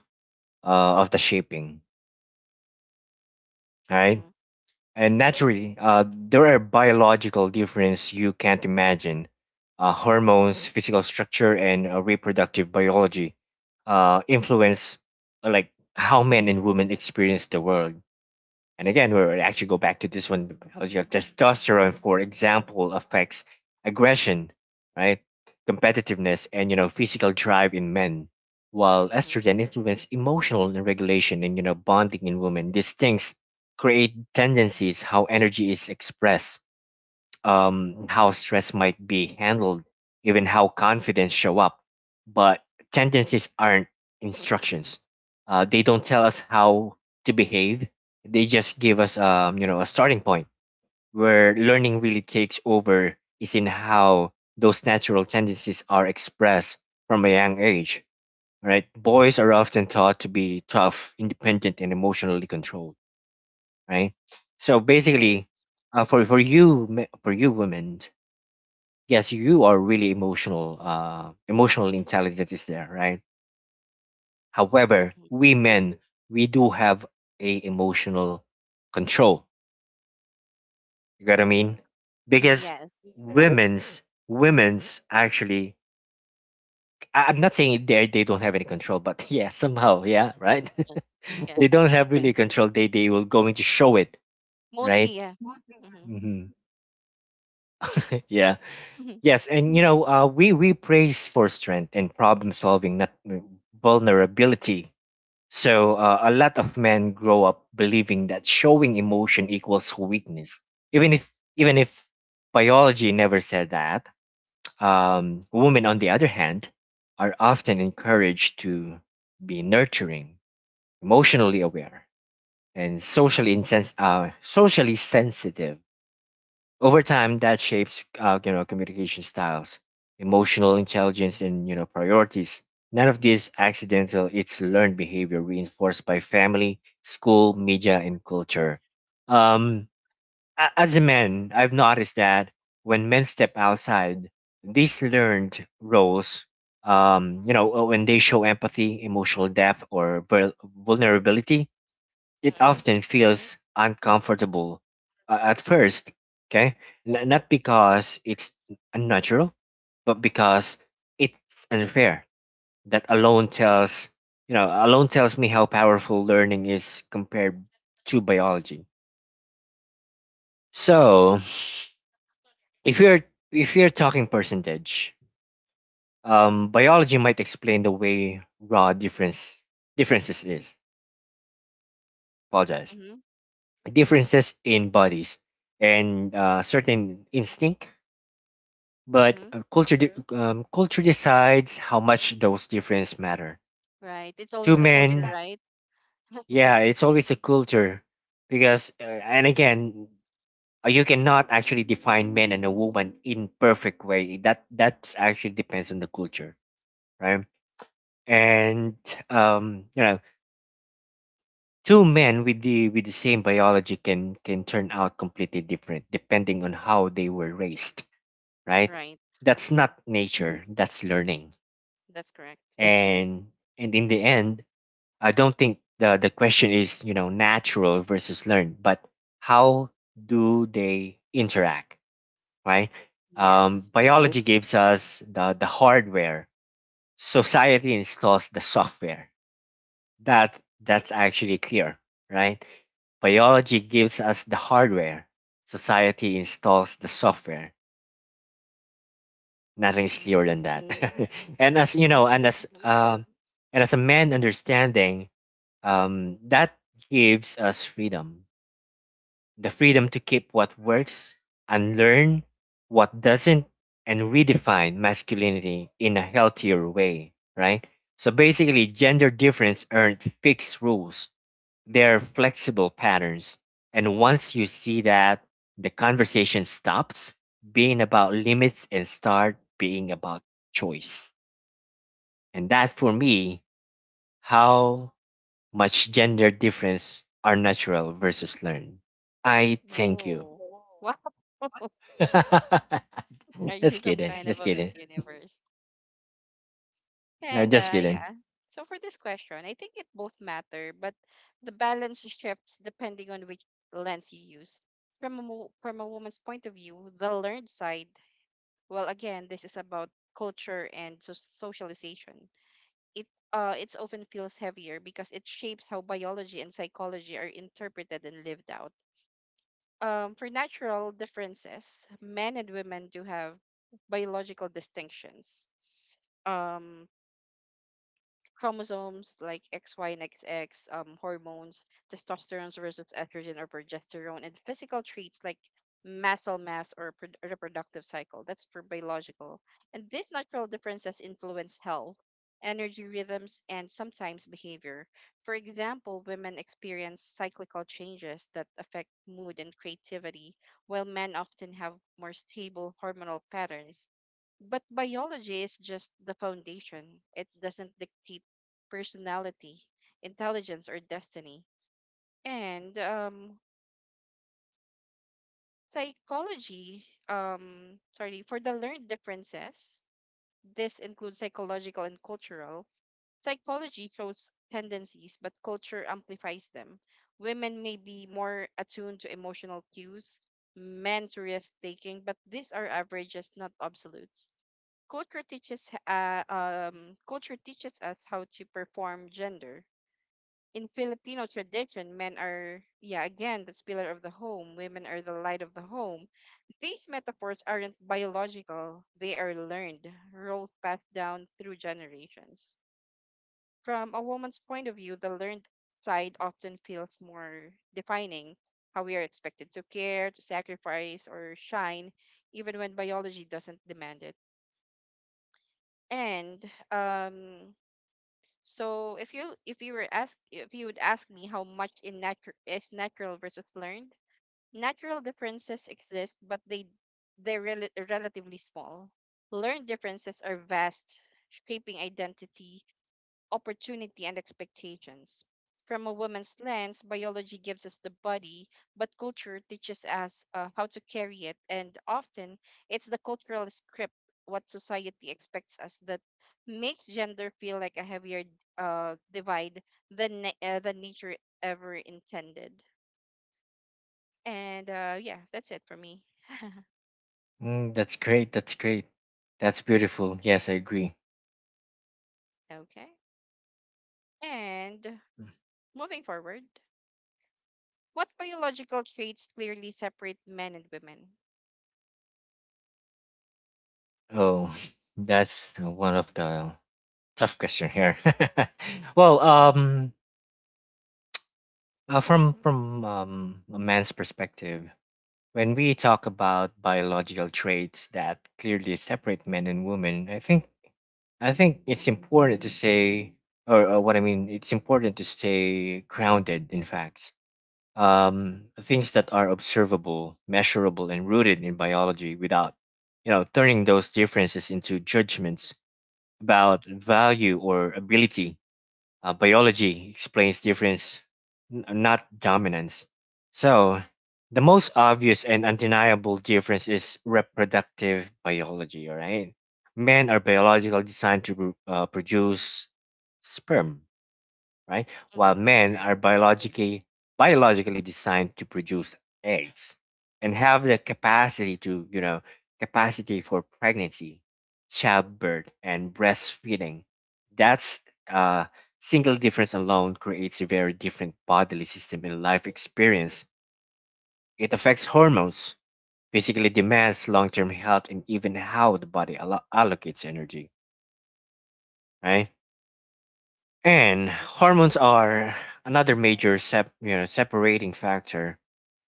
Speaker 2: uh, of the shaping. All
Speaker 1: Mm-hmm.
Speaker 2: right. And naturally, uh, there are biological differences you can't imagine. Uh, hormones, physical structure, and uh, reproductive biology uh, influence, uh, like, how men and women experience the world. And again, we will actually go back to this one. The biology of testosterone, for example, affects aggression, right? Competitiveness and, you know, physical drive in men, while
Speaker 1: Mm-hmm.
Speaker 2: estrogen influences emotional regulation and, you know, bonding in women. These things create tendencies how energy is expressed, um, how stress might be handled, even how confidence show up. But tendencies aren't instructions. Uh, they don't tell us how to behave. They just give us, um, you know, a starting point where learning really takes over is in how those natural tendencies are expressed from a young age. Right? Boys are often taught to be tough, independent, and emotionally controlled. Right? So
Speaker 1: Right.
Speaker 2: basically, uh, for for you, me- for you women, yes, you are really emotional, uh emotional intelligence is there, right? However,
Speaker 1: Mm-hmm.
Speaker 2: we men, we do have a emotional control. You got what I mean? Because
Speaker 1: Yes.
Speaker 2: women's women's actually, I- i'm not saying they they don't have any control, but yeah, somehow, yeah, right.
Speaker 1: Mm. Yeah.
Speaker 2: They don't have really control, they they will going to show it,
Speaker 1: Mostly,
Speaker 2: right.
Speaker 1: yeah. Mm-hmm.
Speaker 2: Hmm. Yeah.
Speaker 1: Mm-hmm.
Speaker 2: Yes, and, you know, uh we we praise for strength and problem solving, not mm, vulnerability. So, uh, a lot of men grow up believing that showing emotion equals weakness, even if even if biology never said that. Um, women, on the other hand, are often encouraged to be nurturing, emotionally aware, and socially insens- uh, socially sensitive. Over time, that shapes, uh, you know, communication styles, emotional intelligence, and, you know, priorities. None of this accidental; it's learned behavior reinforced by family, school, media, and culture. Um, a- as a man, I've noticed that when men step outside these learned roles, um, you know, uh, when they show empathy, emotional depth, or vul- vulnerability, it
Speaker 1: Mm-hmm.
Speaker 2: often feels uncomfortable, uh, at first, okay. N- not because it's unnatural, but because it's unfair. That alone tells, you know, alone tells me how powerful learning is compared to biology. So if you're, if you're talking percentage, um biology might explain the way raw difference, differences is apologize
Speaker 1: Mm-hmm.
Speaker 2: differences in bodies and, uh, certain instinct, but,
Speaker 1: Mm-hmm.
Speaker 2: uh, culture de- um, culture decides how much those differences matter.
Speaker 1: Right. It's
Speaker 2: Two
Speaker 1: always the culture,
Speaker 2: men,
Speaker 1: right?
Speaker 2: yeah, it's always a culture, because, uh, and again, uh, you cannot actually define men and a woman in perfect way. That that's actually depends on the culture, right? And, um, you know, two men with the with the same biology can can turn out completely different depending on how they were raised, right?
Speaker 1: Right.
Speaker 2: That's
Speaker 1: Mm-hmm.
Speaker 2: not nature. That's learning.
Speaker 1: That's correct.
Speaker 2: and and in the end, I don't think the the question is, you know, natural versus learned, but how do they interact, right? um, Mm-hmm.
Speaker 1: Yes.
Speaker 2: Biology gives us the the hardware, society installs the software. That that's actually clear, right? Biology gives us the hardware, society installs the software. Nothing is clearer
Speaker 1: Mm-hmm.
Speaker 2: than that. Mm-hmm. And, as you know, and as
Speaker 1: Okay.
Speaker 2: Mm-hmm. um and as a man understanding, Um, that gives us freedom, the freedom to keep what works, unlearn what doesn't, and redefine masculinity in a healthier way, right? So basically, gender difference aren't fixed rules, they're flexible patterns. And once you see that, the conversation stops being about limits and start being about choice. And that, for me, how much gender difference are natural versus learned. I thank you.
Speaker 1: Oh. Wow. Are you
Speaker 2: Just
Speaker 1: some
Speaker 2: kidding.
Speaker 1: kind of
Speaker 2: Just
Speaker 1: a
Speaker 2: kidding.
Speaker 1: Miss Universe?
Speaker 2: No,
Speaker 1: And
Speaker 2: just
Speaker 1: uh,
Speaker 2: kidding.
Speaker 1: yeah. So for this question, I think it both matter, but the balance shifts depending on which lens you use. From a, mo- from a woman's point of view, the learned side, well, again, this is about culture and so- socialization. It uh, it's often feels heavier because it shapes how biology and psychology are interpreted and lived out. Um, for natural differences, men and women do have biological distinctions. Um, chromosomes like X Y and X X, um, hormones, testosterone versus estrogen or progesterone, and physical traits like muscle mass or pro- reproductive cycle. That's for biological. And these natural differences influence health, energy rhythms, and sometimes behavior. For example, women experience cyclical changes that affect mood and creativity, while men often have more stable hormonal patterns but biology is just the foundation. It doesn't dictate personality, intelligence, or destiny. And um, psychology, um, sorry, for the learned differences, this includes psychological and cultural. Psychology shows tendencies, but culture amplifies them. Women may be more attuned to emotional cues, men to risk taking, but these are averages, not absolutes. Culture teaches uh, um, culture teaches us how to perform gender in Filipino tradition, men are, yeah, again, the pillar of the home, women are the light of the home. These metaphors aren't biological, they are learned, roles passed down through generations. From a woman's point of view, the learned side often feels more defining how we are expected to care, to sacrifice, or shine, even when biology doesn't demand it. And um, so if you if you were ask if you would ask me how much in natu- is natural versus learned, natural differences exist, but they they're rel- relatively small. Learned differences are vast, shaping identity, opportunity and expectations. From a woman's lens, biology gives us the body, but culture teaches us uh, how to carry it, and often it's the cultural script, what society expects us, that makes gender feel like a heavier uh, divide than na- uh, than nature ever intended. And uh, yeah, that's it for me.
Speaker 2: Mm, that's great. That's great. That's beautiful. Yes, I agree.
Speaker 1: Okay. And moving forward, what biological traits clearly separate men and women?
Speaker 2: Oh, that's one of the tough question here. Well, um, uh, from from um, a man's perspective, when we talk about biological traits that clearly separate men and women, I think, I think it's important to say, or, or what I mean, it's important to stay grounded in facts, um, things that are observable, measurable, and rooted in biology without, you know, turning those differences into judgments about value or ability. Uh, biology explains difference, n- not dominance. So, the most obvious and undeniable difference is reproductive biology, all right? Men are biologically designed to pro- uh, produce sperm, right? While
Speaker 1: Mm-hmm.
Speaker 2: men
Speaker 1: Right.
Speaker 2: are biologically biologically designed to produce eggs and have the capacity to, you know, capacity for pregnancy, childbirth, and breastfeeding. That's uh single difference alone creates a very different bodily system and life experience. It affects hormones, physically demands long-term health, and even how the body allo- allocates energy, right? And hormones are another major sep- you know, separating factor.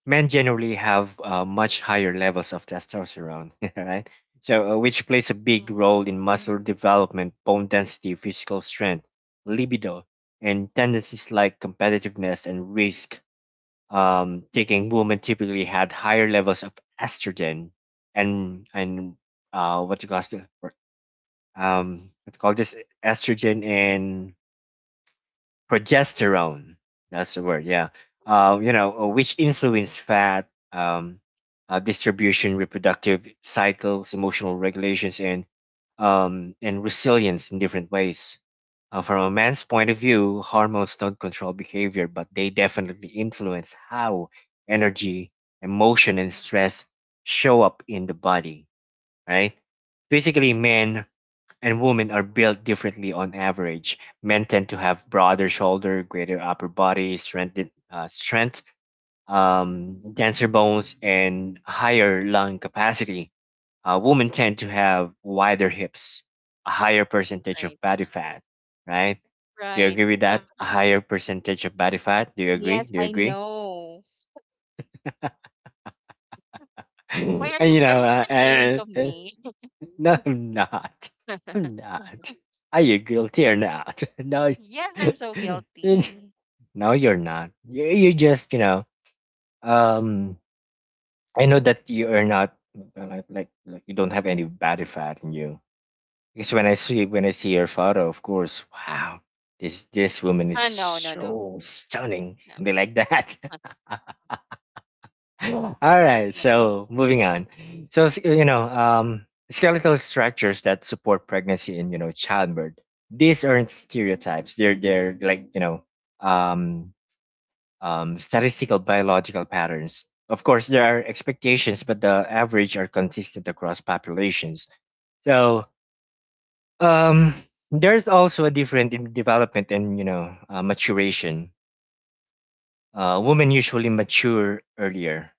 Speaker 2: Men generally have, uh, much higher levels of testosterone, right? So, uh, which plays a big role
Speaker 1: Mm.
Speaker 2: in muscle development, bone density, physical strength, libido, and tendencies like competitiveness and risk. Um, taking women typically had higher levels of estrogen and and uh, what you call, um what you call this, estrogen and progesterone. That's the word. Yeah.
Speaker 1: Mhm.
Speaker 2: Uh, you know, uh, which influence fat, um, uh, distribution, reproductive cycles, emotional regulations, and, um, and resilience in different ways. Uh, from a man's point of view, hormones don't control behavior, but they definitely influence how energy, emotion, and stress show up in the body, right? Basically,
Speaker 1: Mhm.
Speaker 2: men and women are built differently on average. Men tend to have broader shoulder, greater upper body strength, uh, strength um, denser bones, and higher lung capacity. Uh, women tend to have wider hips, a higher percentage of
Speaker 1: Right.
Speaker 2: body fat, right? Do you
Speaker 1: Right.
Speaker 2: agree with that? A higher percentage of body fat? Do you agree?
Speaker 1: Yes,
Speaker 2: Do you
Speaker 1: I
Speaker 2: agree?
Speaker 1: know. Why are
Speaker 2: And,
Speaker 1: you
Speaker 2: you
Speaker 1: are
Speaker 2: know,
Speaker 1: you
Speaker 2: uh,
Speaker 1: pertaining
Speaker 2: uh,
Speaker 1: to
Speaker 2: uh,
Speaker 1: me?
Speaker 2: No, I'm not. I'm not. Are you guilty or not? No,
Speaker 1: Yes, I'm so guilty.
Speaker 2: no, you're not. You you just, you know. Um, I know that you are not, uh, like like like you don't have any body fat in you. Because when I see, when I see your photo, of course, wow, this this woman is
Speaker 1: Ah, no, no, no.
Speaker 2: so stunning,
Speaker 1: No.
Speaker 2: something like that. All right,
Speaker 1: No, no.
Speaker 2: so moving on. So s- you know, um, skeletal structures that support pregnancy and, you know, childbirth. These aren't stereotypes. They're they're like, you know, um, um, statistical biological patterns. Of course, there are expectations, but the average are consistent across populations. So, um, there's also a different in development and, you know, uh, maturation. Uh, women usually mature earlier,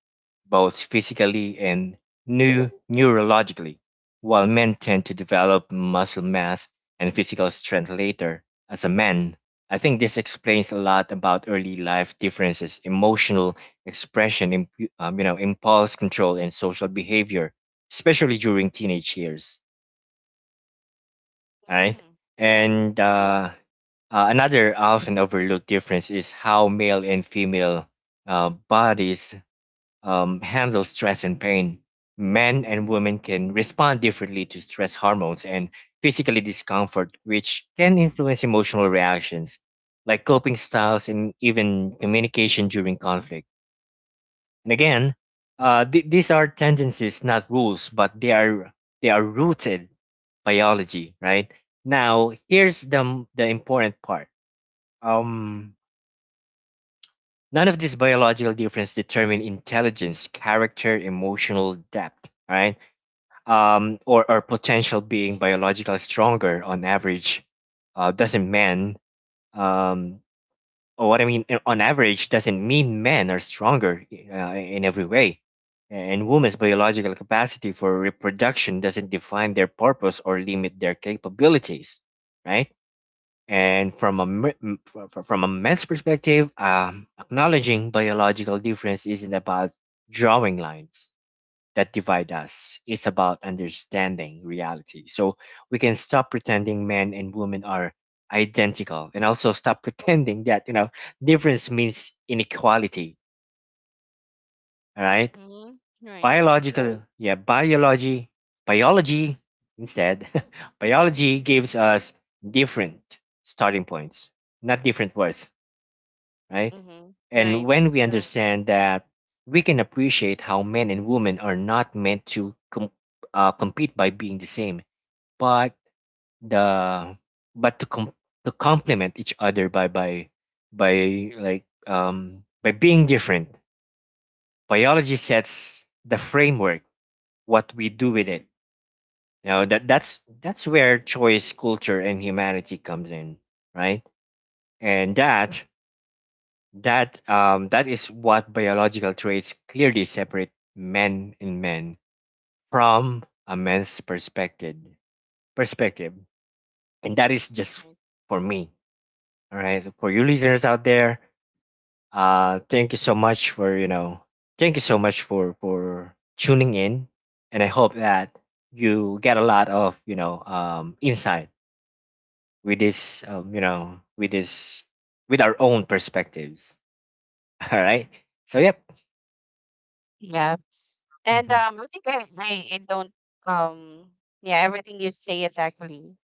Speaker 2: both physically and new neurologically, while men tend to develop muscle mass and physical strength later. As a man, I think this explains a lot about early life differences, emotional expression, imp- um, you know, impulse control, and social behavior, especially during teenage years, right?
Speaker 1: Mm, yeah.
Speaker 2: And uh, uh, another often overlooked difference is how male and female uh, bodies um, handle stress and pain. Men and women can respond differently to stress hormones and physical discomfort, which can influence emotional reactions, like coping styles and even communication during conflict. And again, uh, th- these are tendencies, not rules, but they are they are rooted biology, right? Now, here's the m- the important part. Um, None of these biological differences determine intelligence, character, emotional depth, right? Um, or or potential, being biological stronger on average, uh, doesn't mean, um, or what I mean, uh, on average doesn't mean men are stronger uh, in every way. And women's biological capacity for reproduction doesn't define their purpose or limit their capabilities, right? And from a me- m- fr- fr- from a man's perspective, um, acknowledging biological difference isn't about drawing lines that divide us. It's about understanding reality. So we can stop pretending men and women are identical and also stop pretending that, you know, difference means inequality. All right.
Speaker 1: Mm, right.
Speaker 2: Biological, right, yeah, biology, biology instead. Biology gives us different starting points, not different words. Right?
Speaker 1: Mm-hmm.
Speaker 2: And
Speaker 1: Right.
Speaker 2: when we understand that, we can appreciate how men and women are not meant to com- uh, compete by being the same, but the but to com- to complement each other by by by like um by being different. Biology sets the framework. What we do with it, you know, that that's that's where choice, culture, and humanity comes in, right? And that, That um, that is what biological traits clearly separate men and men from a man's perspective. Perspective, and that is just
Speaker 1: Right.
Speaker 2: for me. All right, for you listeners out there, uh, thank you so much for you know, thank you so much for for tuning in, and I hope that you get a lot of you know um insight with this um you know with this with our own perspectives. All right, so yep.
Speaker 1: Yeah. And um I think I, I, I don't um yeah, everything you say is actually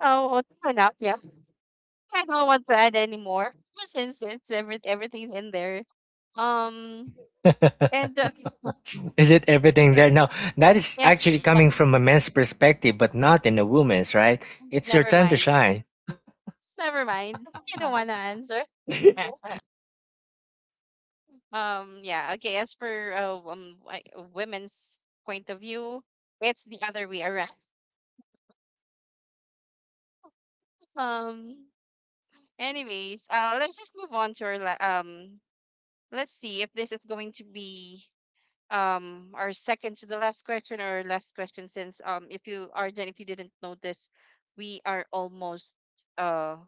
Speaker 1: oh well, fair enough, yeah. I don't want to add anymore since it's every everything in there. Um and uh,
Speaker 2: Is it everything
Speaker 1: yeah.
Speaker 2: there? No, that is
Speaker 1: Yeah.
Speaker 2: actually coming from a man's perspective, but not in a woman's, right? It's your
Speaker 1: Never
Speaker 2: time to
Speaker 1: mind.
Speaker 2: shine.
Speaker 1: Never mind. You don't want to answer. Um, yeah, okay. As for uh, um, wi- women's point of view, it's the other way around. Um, anyways, uh, let's just move on to our la um. Let's see if this is going to be um our second to the last question or last question since um if you Arjan, if you didn't notice, we are almost uh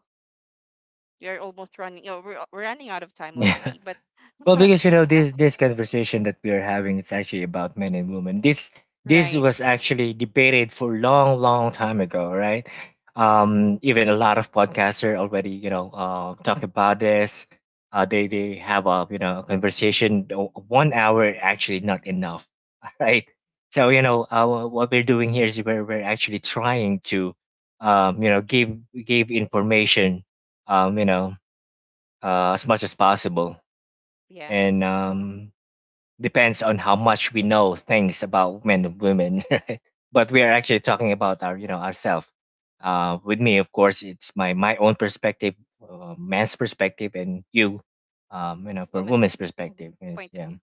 Speaker 1: we are almost running. You know, we're we're running out of time
Speaker 2: Yeah.
Speaker 1: already. But
Speaker 2: Well,
Speaker 1: uh,
Speaker 2: because you know
Speaker 1: yeah,
Speaker 2: this this conversation that we are having, it's actually about men and women. This this
Speaker 1: right.
Speaker 2: was actually debated for long, long time ago, right? Um, even a lot of podcasts are already, you know, uh, talk about this. Uh, they they have a you know a conversation. uh, One hour actually not enough, right? So you know, uh, what we're doing here is we're we're actually trying to, um, you know, give give information, um, you know, uh, as much as possible
Speaker 1: Yeah,
Speaker 2: and um, depends on how much we know things about men and women right? But we are actually talking about our you know ourselves, uh, with me of course it's my my own perspective, uh, man's perspective, and you, um, you know, for woman's
Speaker 1: woman's
Speaker 2: perspective is
Speaker 1: point of
Speaker 2: yeah.
Speaker 1: view.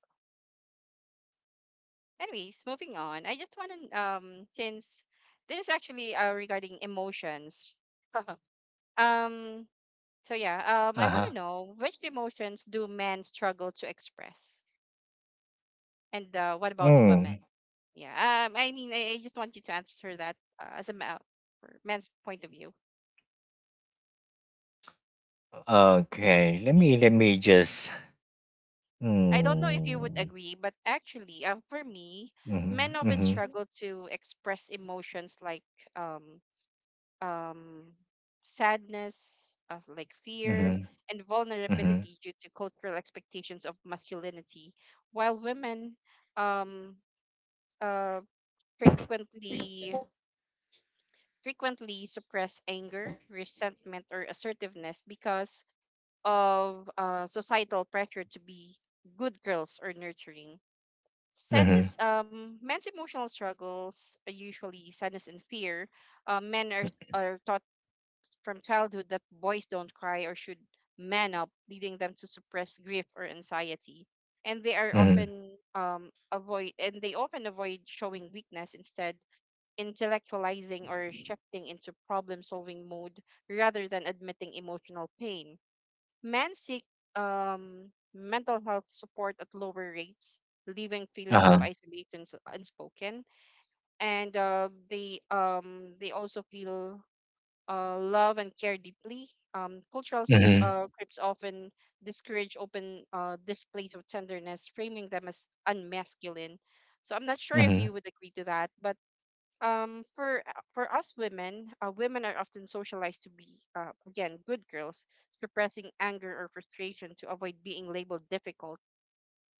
Speaker 1: Anyways, moving on. I just want to um since this is actually uh regarding emotions. Um. So yeah. Um, I want
Speaker 2: Uh-huh.
Speaker 1: to know which emotions do men struggle to express, and uh, what about women?
Speaker 2: Mm.
Speaker 1: Yeah. Um. I mean, I, I just want you to answer that uh, as a ma- for man's point of view.
Speaker 2: Okay, let me let me just
Speaker 1: I don't know if you would
Speaker 2: mm.
Speaker 1: agree, but actually, uh, for me,
Speaker 2: Hmm.
Speaker 1: men often
Speaker 2: Mm-hmm,
Speaker 1: struggle to express emotions like um um, sadness, of like
Speaker 2: mm-hmm,
Speaker 1: fear, and
Speaker 2: mm-hmm,
Speaker 1: vulnerability due to cultural expectations of masculinity, while women um, uh, frequently frequently suppress anger, resentment, or assertiveness because of uh, societal pressure to be good girls or nurturing.
Speaker 2: mm-hmm, mm-hmm,
Speaker 1: Sadness, um, men's emotional struggles are usually sadness and fear. Uh, men are, are taught from childhood that boys don't cry or should man up, leading them to suppress grief or anxiety. And they are
Speaker 2: mm-hmm,
Speaker 1: often um, avoid and they often avoid showing weakness, instead intellectualizing or shifting into problem solving mode rather than admitting emotional pain. Men seek um, mental health support at lower rates, leaving feelings
Speaker 2: uh-huh,
Speaker 1: of isolation s- unspoken, and uh, they um, they also feel uh, love and care deeply. Um, cultural script,
Speaker 2: mm-hmm,
Speaker 1: uh, scripts often discourage open uh, displays of tenderness, framing them as unmasculine. So I'm not sure if
Speaker 2: mm-hmm,
Speaker 1: you would agree to that, but um, for for us women, uh, women are often socialized to be, uh, again, good girls, suppressing anger or frustration to avoid being labeled difficult.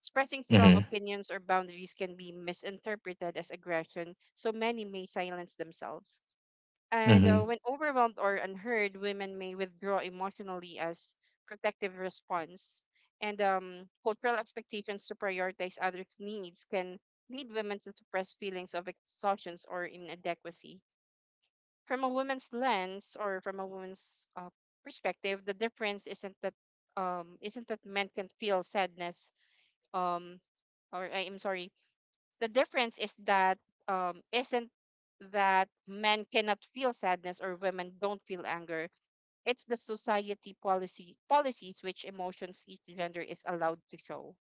Speaker 1: Expressing strong
Speaker 2: mm-hmm,
Speaker 1: opinions or boundaries can be misinterpreted as aggression, so many may silence themselves. And uh, when overwhelmed or unheard, women may withdraw emotionally as protective response. And um, cultural expectations to prioritize others' needs can lead women to suppress feelings of exhaustions or inadequacy. From a woman's lens, or from a woman's uh, perspective, the difference isn't that um, isn't that men can feel sadness um, or I am sorry the difference is that, um isn't that men cannot feel sadness or women don't feel anger, it's the society policy policies which emotions each gender is allowed to show.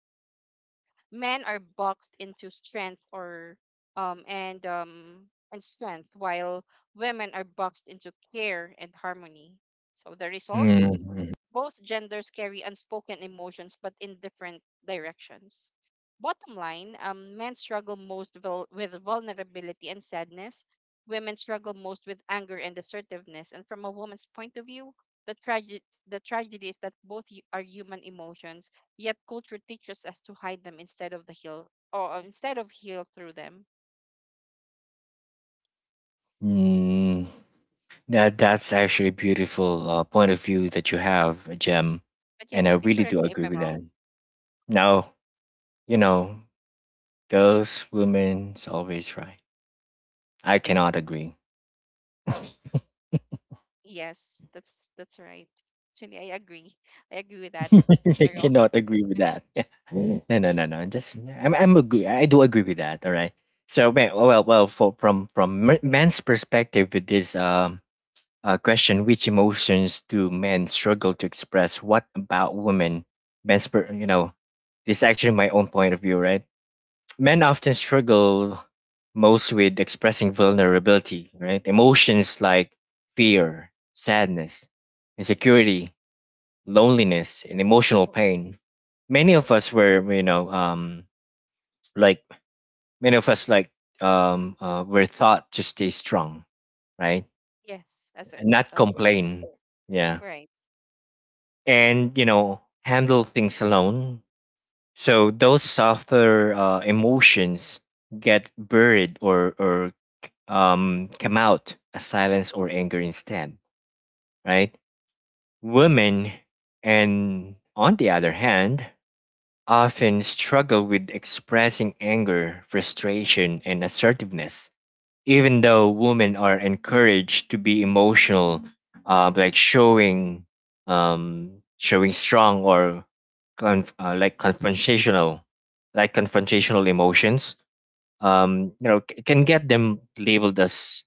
Speaker 1: Men are boxed into strength or um and um and strength, while women are boxed into care and harmony. So the result,
Speaker 2: mm-hmm,
Speaker 1: both genders carry unspoken emotions but in different directions. Bottom line, um, men struggle most vul- with vulnerability and sadness. Women struggle most with anger and assertiveness. And from a woman's point of view, the, trage- the tragedy is that both y- are human emotions, yet culture teaches us to hide them instead of the heal, or uh, instead of heal through them.
Speaker 2: hmm. That that's actually a beautiful uh, point of view that you have, Jem,
Speaker 1: But yeah,
Speaker 2: and I
Speaker 1: you can
Speaker 2: really do
Speaker 1: correct me if
Speaker 2: agree
Speaker 1: I'm
Speaker 2: with that.
Speaker 1: wrong.
Speaker 2: Now, you know, those women's always right. I cannot agree.
Speaker 1: Yes, that's that's right. Actually, I agree. I agree with that. That we
Speaker 2: I
Speaker 1: are all.
Speaker 2: cannot agree with that. No, no, no, no. Just I'm I'm agree. I do agree with that. All right. So ma- well, well, for, from from m- men's perspective with this um uh, question, which emotions do men struggle to express? What about women? Men's, per, you know, this is actually my own point of view, right? Men often struggle most with expressing vulnerability, right? Emotions like fear, sadness, insecurity, loneliness, and emotional pain. Many of us were, you know, um, like many of us like um, uh, were taught to stay strong, right?
Speaker 1: Yes, as a.
Speaker 2: And not
Speaker 1: Oh,
Speaker 2: complain, yeah,
Speaker 1: right,
Speaker 2: and you know, handle things alone. So those softer uh, emotions get buried or or um, come out as silence or anger instead, right? Women, and on the other hand, often struggle with expressing anger, frustration, and assertiveness, even though women are encouraged to be emotional, uh, like showing, um, showing strong or conf- uh, like confrontational, like confrontational emotions, um, you know, c- can get them labeled as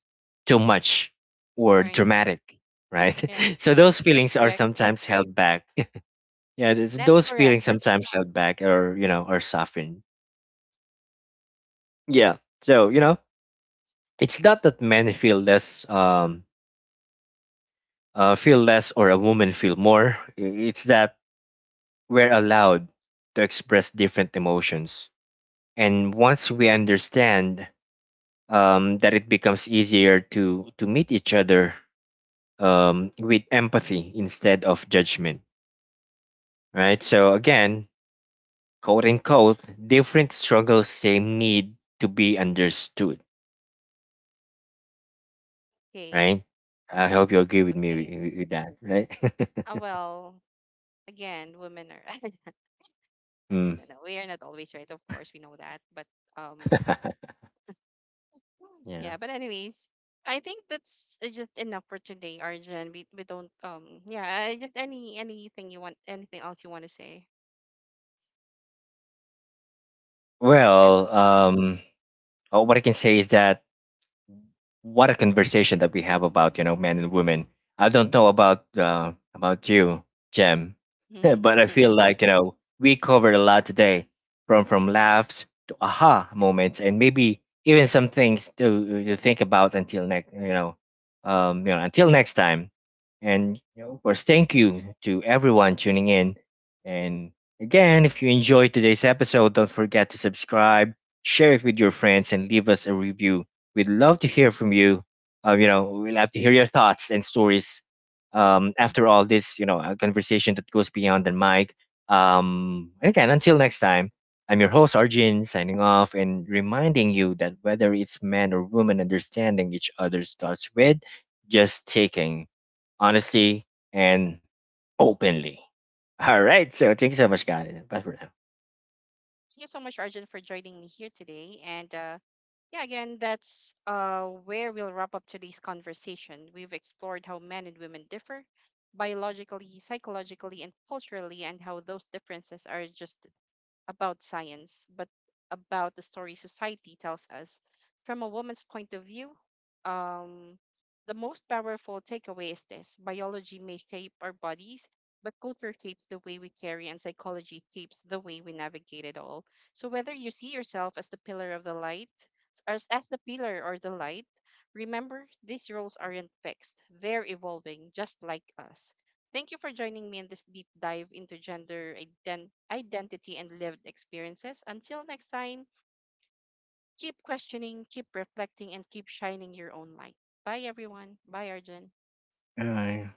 Speaker 2: too much or
Speaker 1: right.
Speaker 2: dramatic, right?
Speaker 1: Yeah,
Speaker 2: So those
Speaker 1: that's
Speaker 2: feelings are
Speaker 1: correct.
Speaker 2: sometimes held back. Yeah, th-
Speaker 1: That's
Speaker 2: those
Speaker 1: correct.
Speaker 2: feelings sometimes held back or you know or softened. Yeah. So you know, it's not that men feel less, um, uh, feel less, or a woman feel more. I- It's that we're allowed to express different emotions, and once we understand um, that, it becomes easier to to meet each other, um, with empathy instead of judgment, right? So again, quote unquote, different struggles, same need to be understood,
Speaker 1: Okay,
Speaker 2: right? I hope you agree with me
Speaker 1: okay.
Speaker 2: with, with that, right?
Speaker 1: Uh, well, again, women are, no, no,
Speaker 2: Mm.
Speaker 1: no, no. We are not always right. Of course, we know that. But um,
Speaker 2: Yeah.
Speaker 1: yeah. But anyways, I think that's uh, just enough for today, Arjun. We we don't um. Yeah. uh, Just any anything you want, anything else you want to say? I
Speaker 2: Well,
Speaker 1: think
Speaker 2: um, uh, what I can say is that what a conversation that we have about you know men and women. I don't know about uh, about you, Jem,
Speaker 1: so.
Speaker 2: but I feel like you know we covered a lot today, from from laughs to aha moments, and maybe even some things to to think about until next you know um you know until next time. And you know, of course, thank you to everyone tuning in. And again, if you enjoyed today's episode, don't forget to subscribe, share it with your friends, and leave us a review. We'd love to hear from you. Uh, you know, we'd love to hear your thoughts and stories. Um, after all this, you know, a conversation that goes beyond the mic. Um, and again, until next time, I'm your host Arjun, signing off and reminding you that whether it's man or woman, understanding each other starts with just taking honestly and openly. All right. So thank you so much, guys. Bye for now.
Speaker 1: Thank you so much, Arjun, for joining me here today. And uh, yeah, again, that's uh, where we'll wrap up today's conversation. We've explored how men and women differ biologically, psychologically, and culturally, and how those differences are just about science, but about the story society tells us. From a woman's point of view, um, the most powerful takeaway is this: biology may shape our bodies, but culture shapes the way we carry, and psychology shapes the way we navigate it all. So, whether you see yourself as the pillar of the light, as, as the pillar or the light, remember these roles aren't fixed, they're evolving just like us. Thank you for joining me in this deep dive into gender ident- identity and lived experiences. Until next time, keep questioning, keep reflecting, and keep shining your own light. Bye, everyone. Bye, Arjun.
Speaker 2: Bye.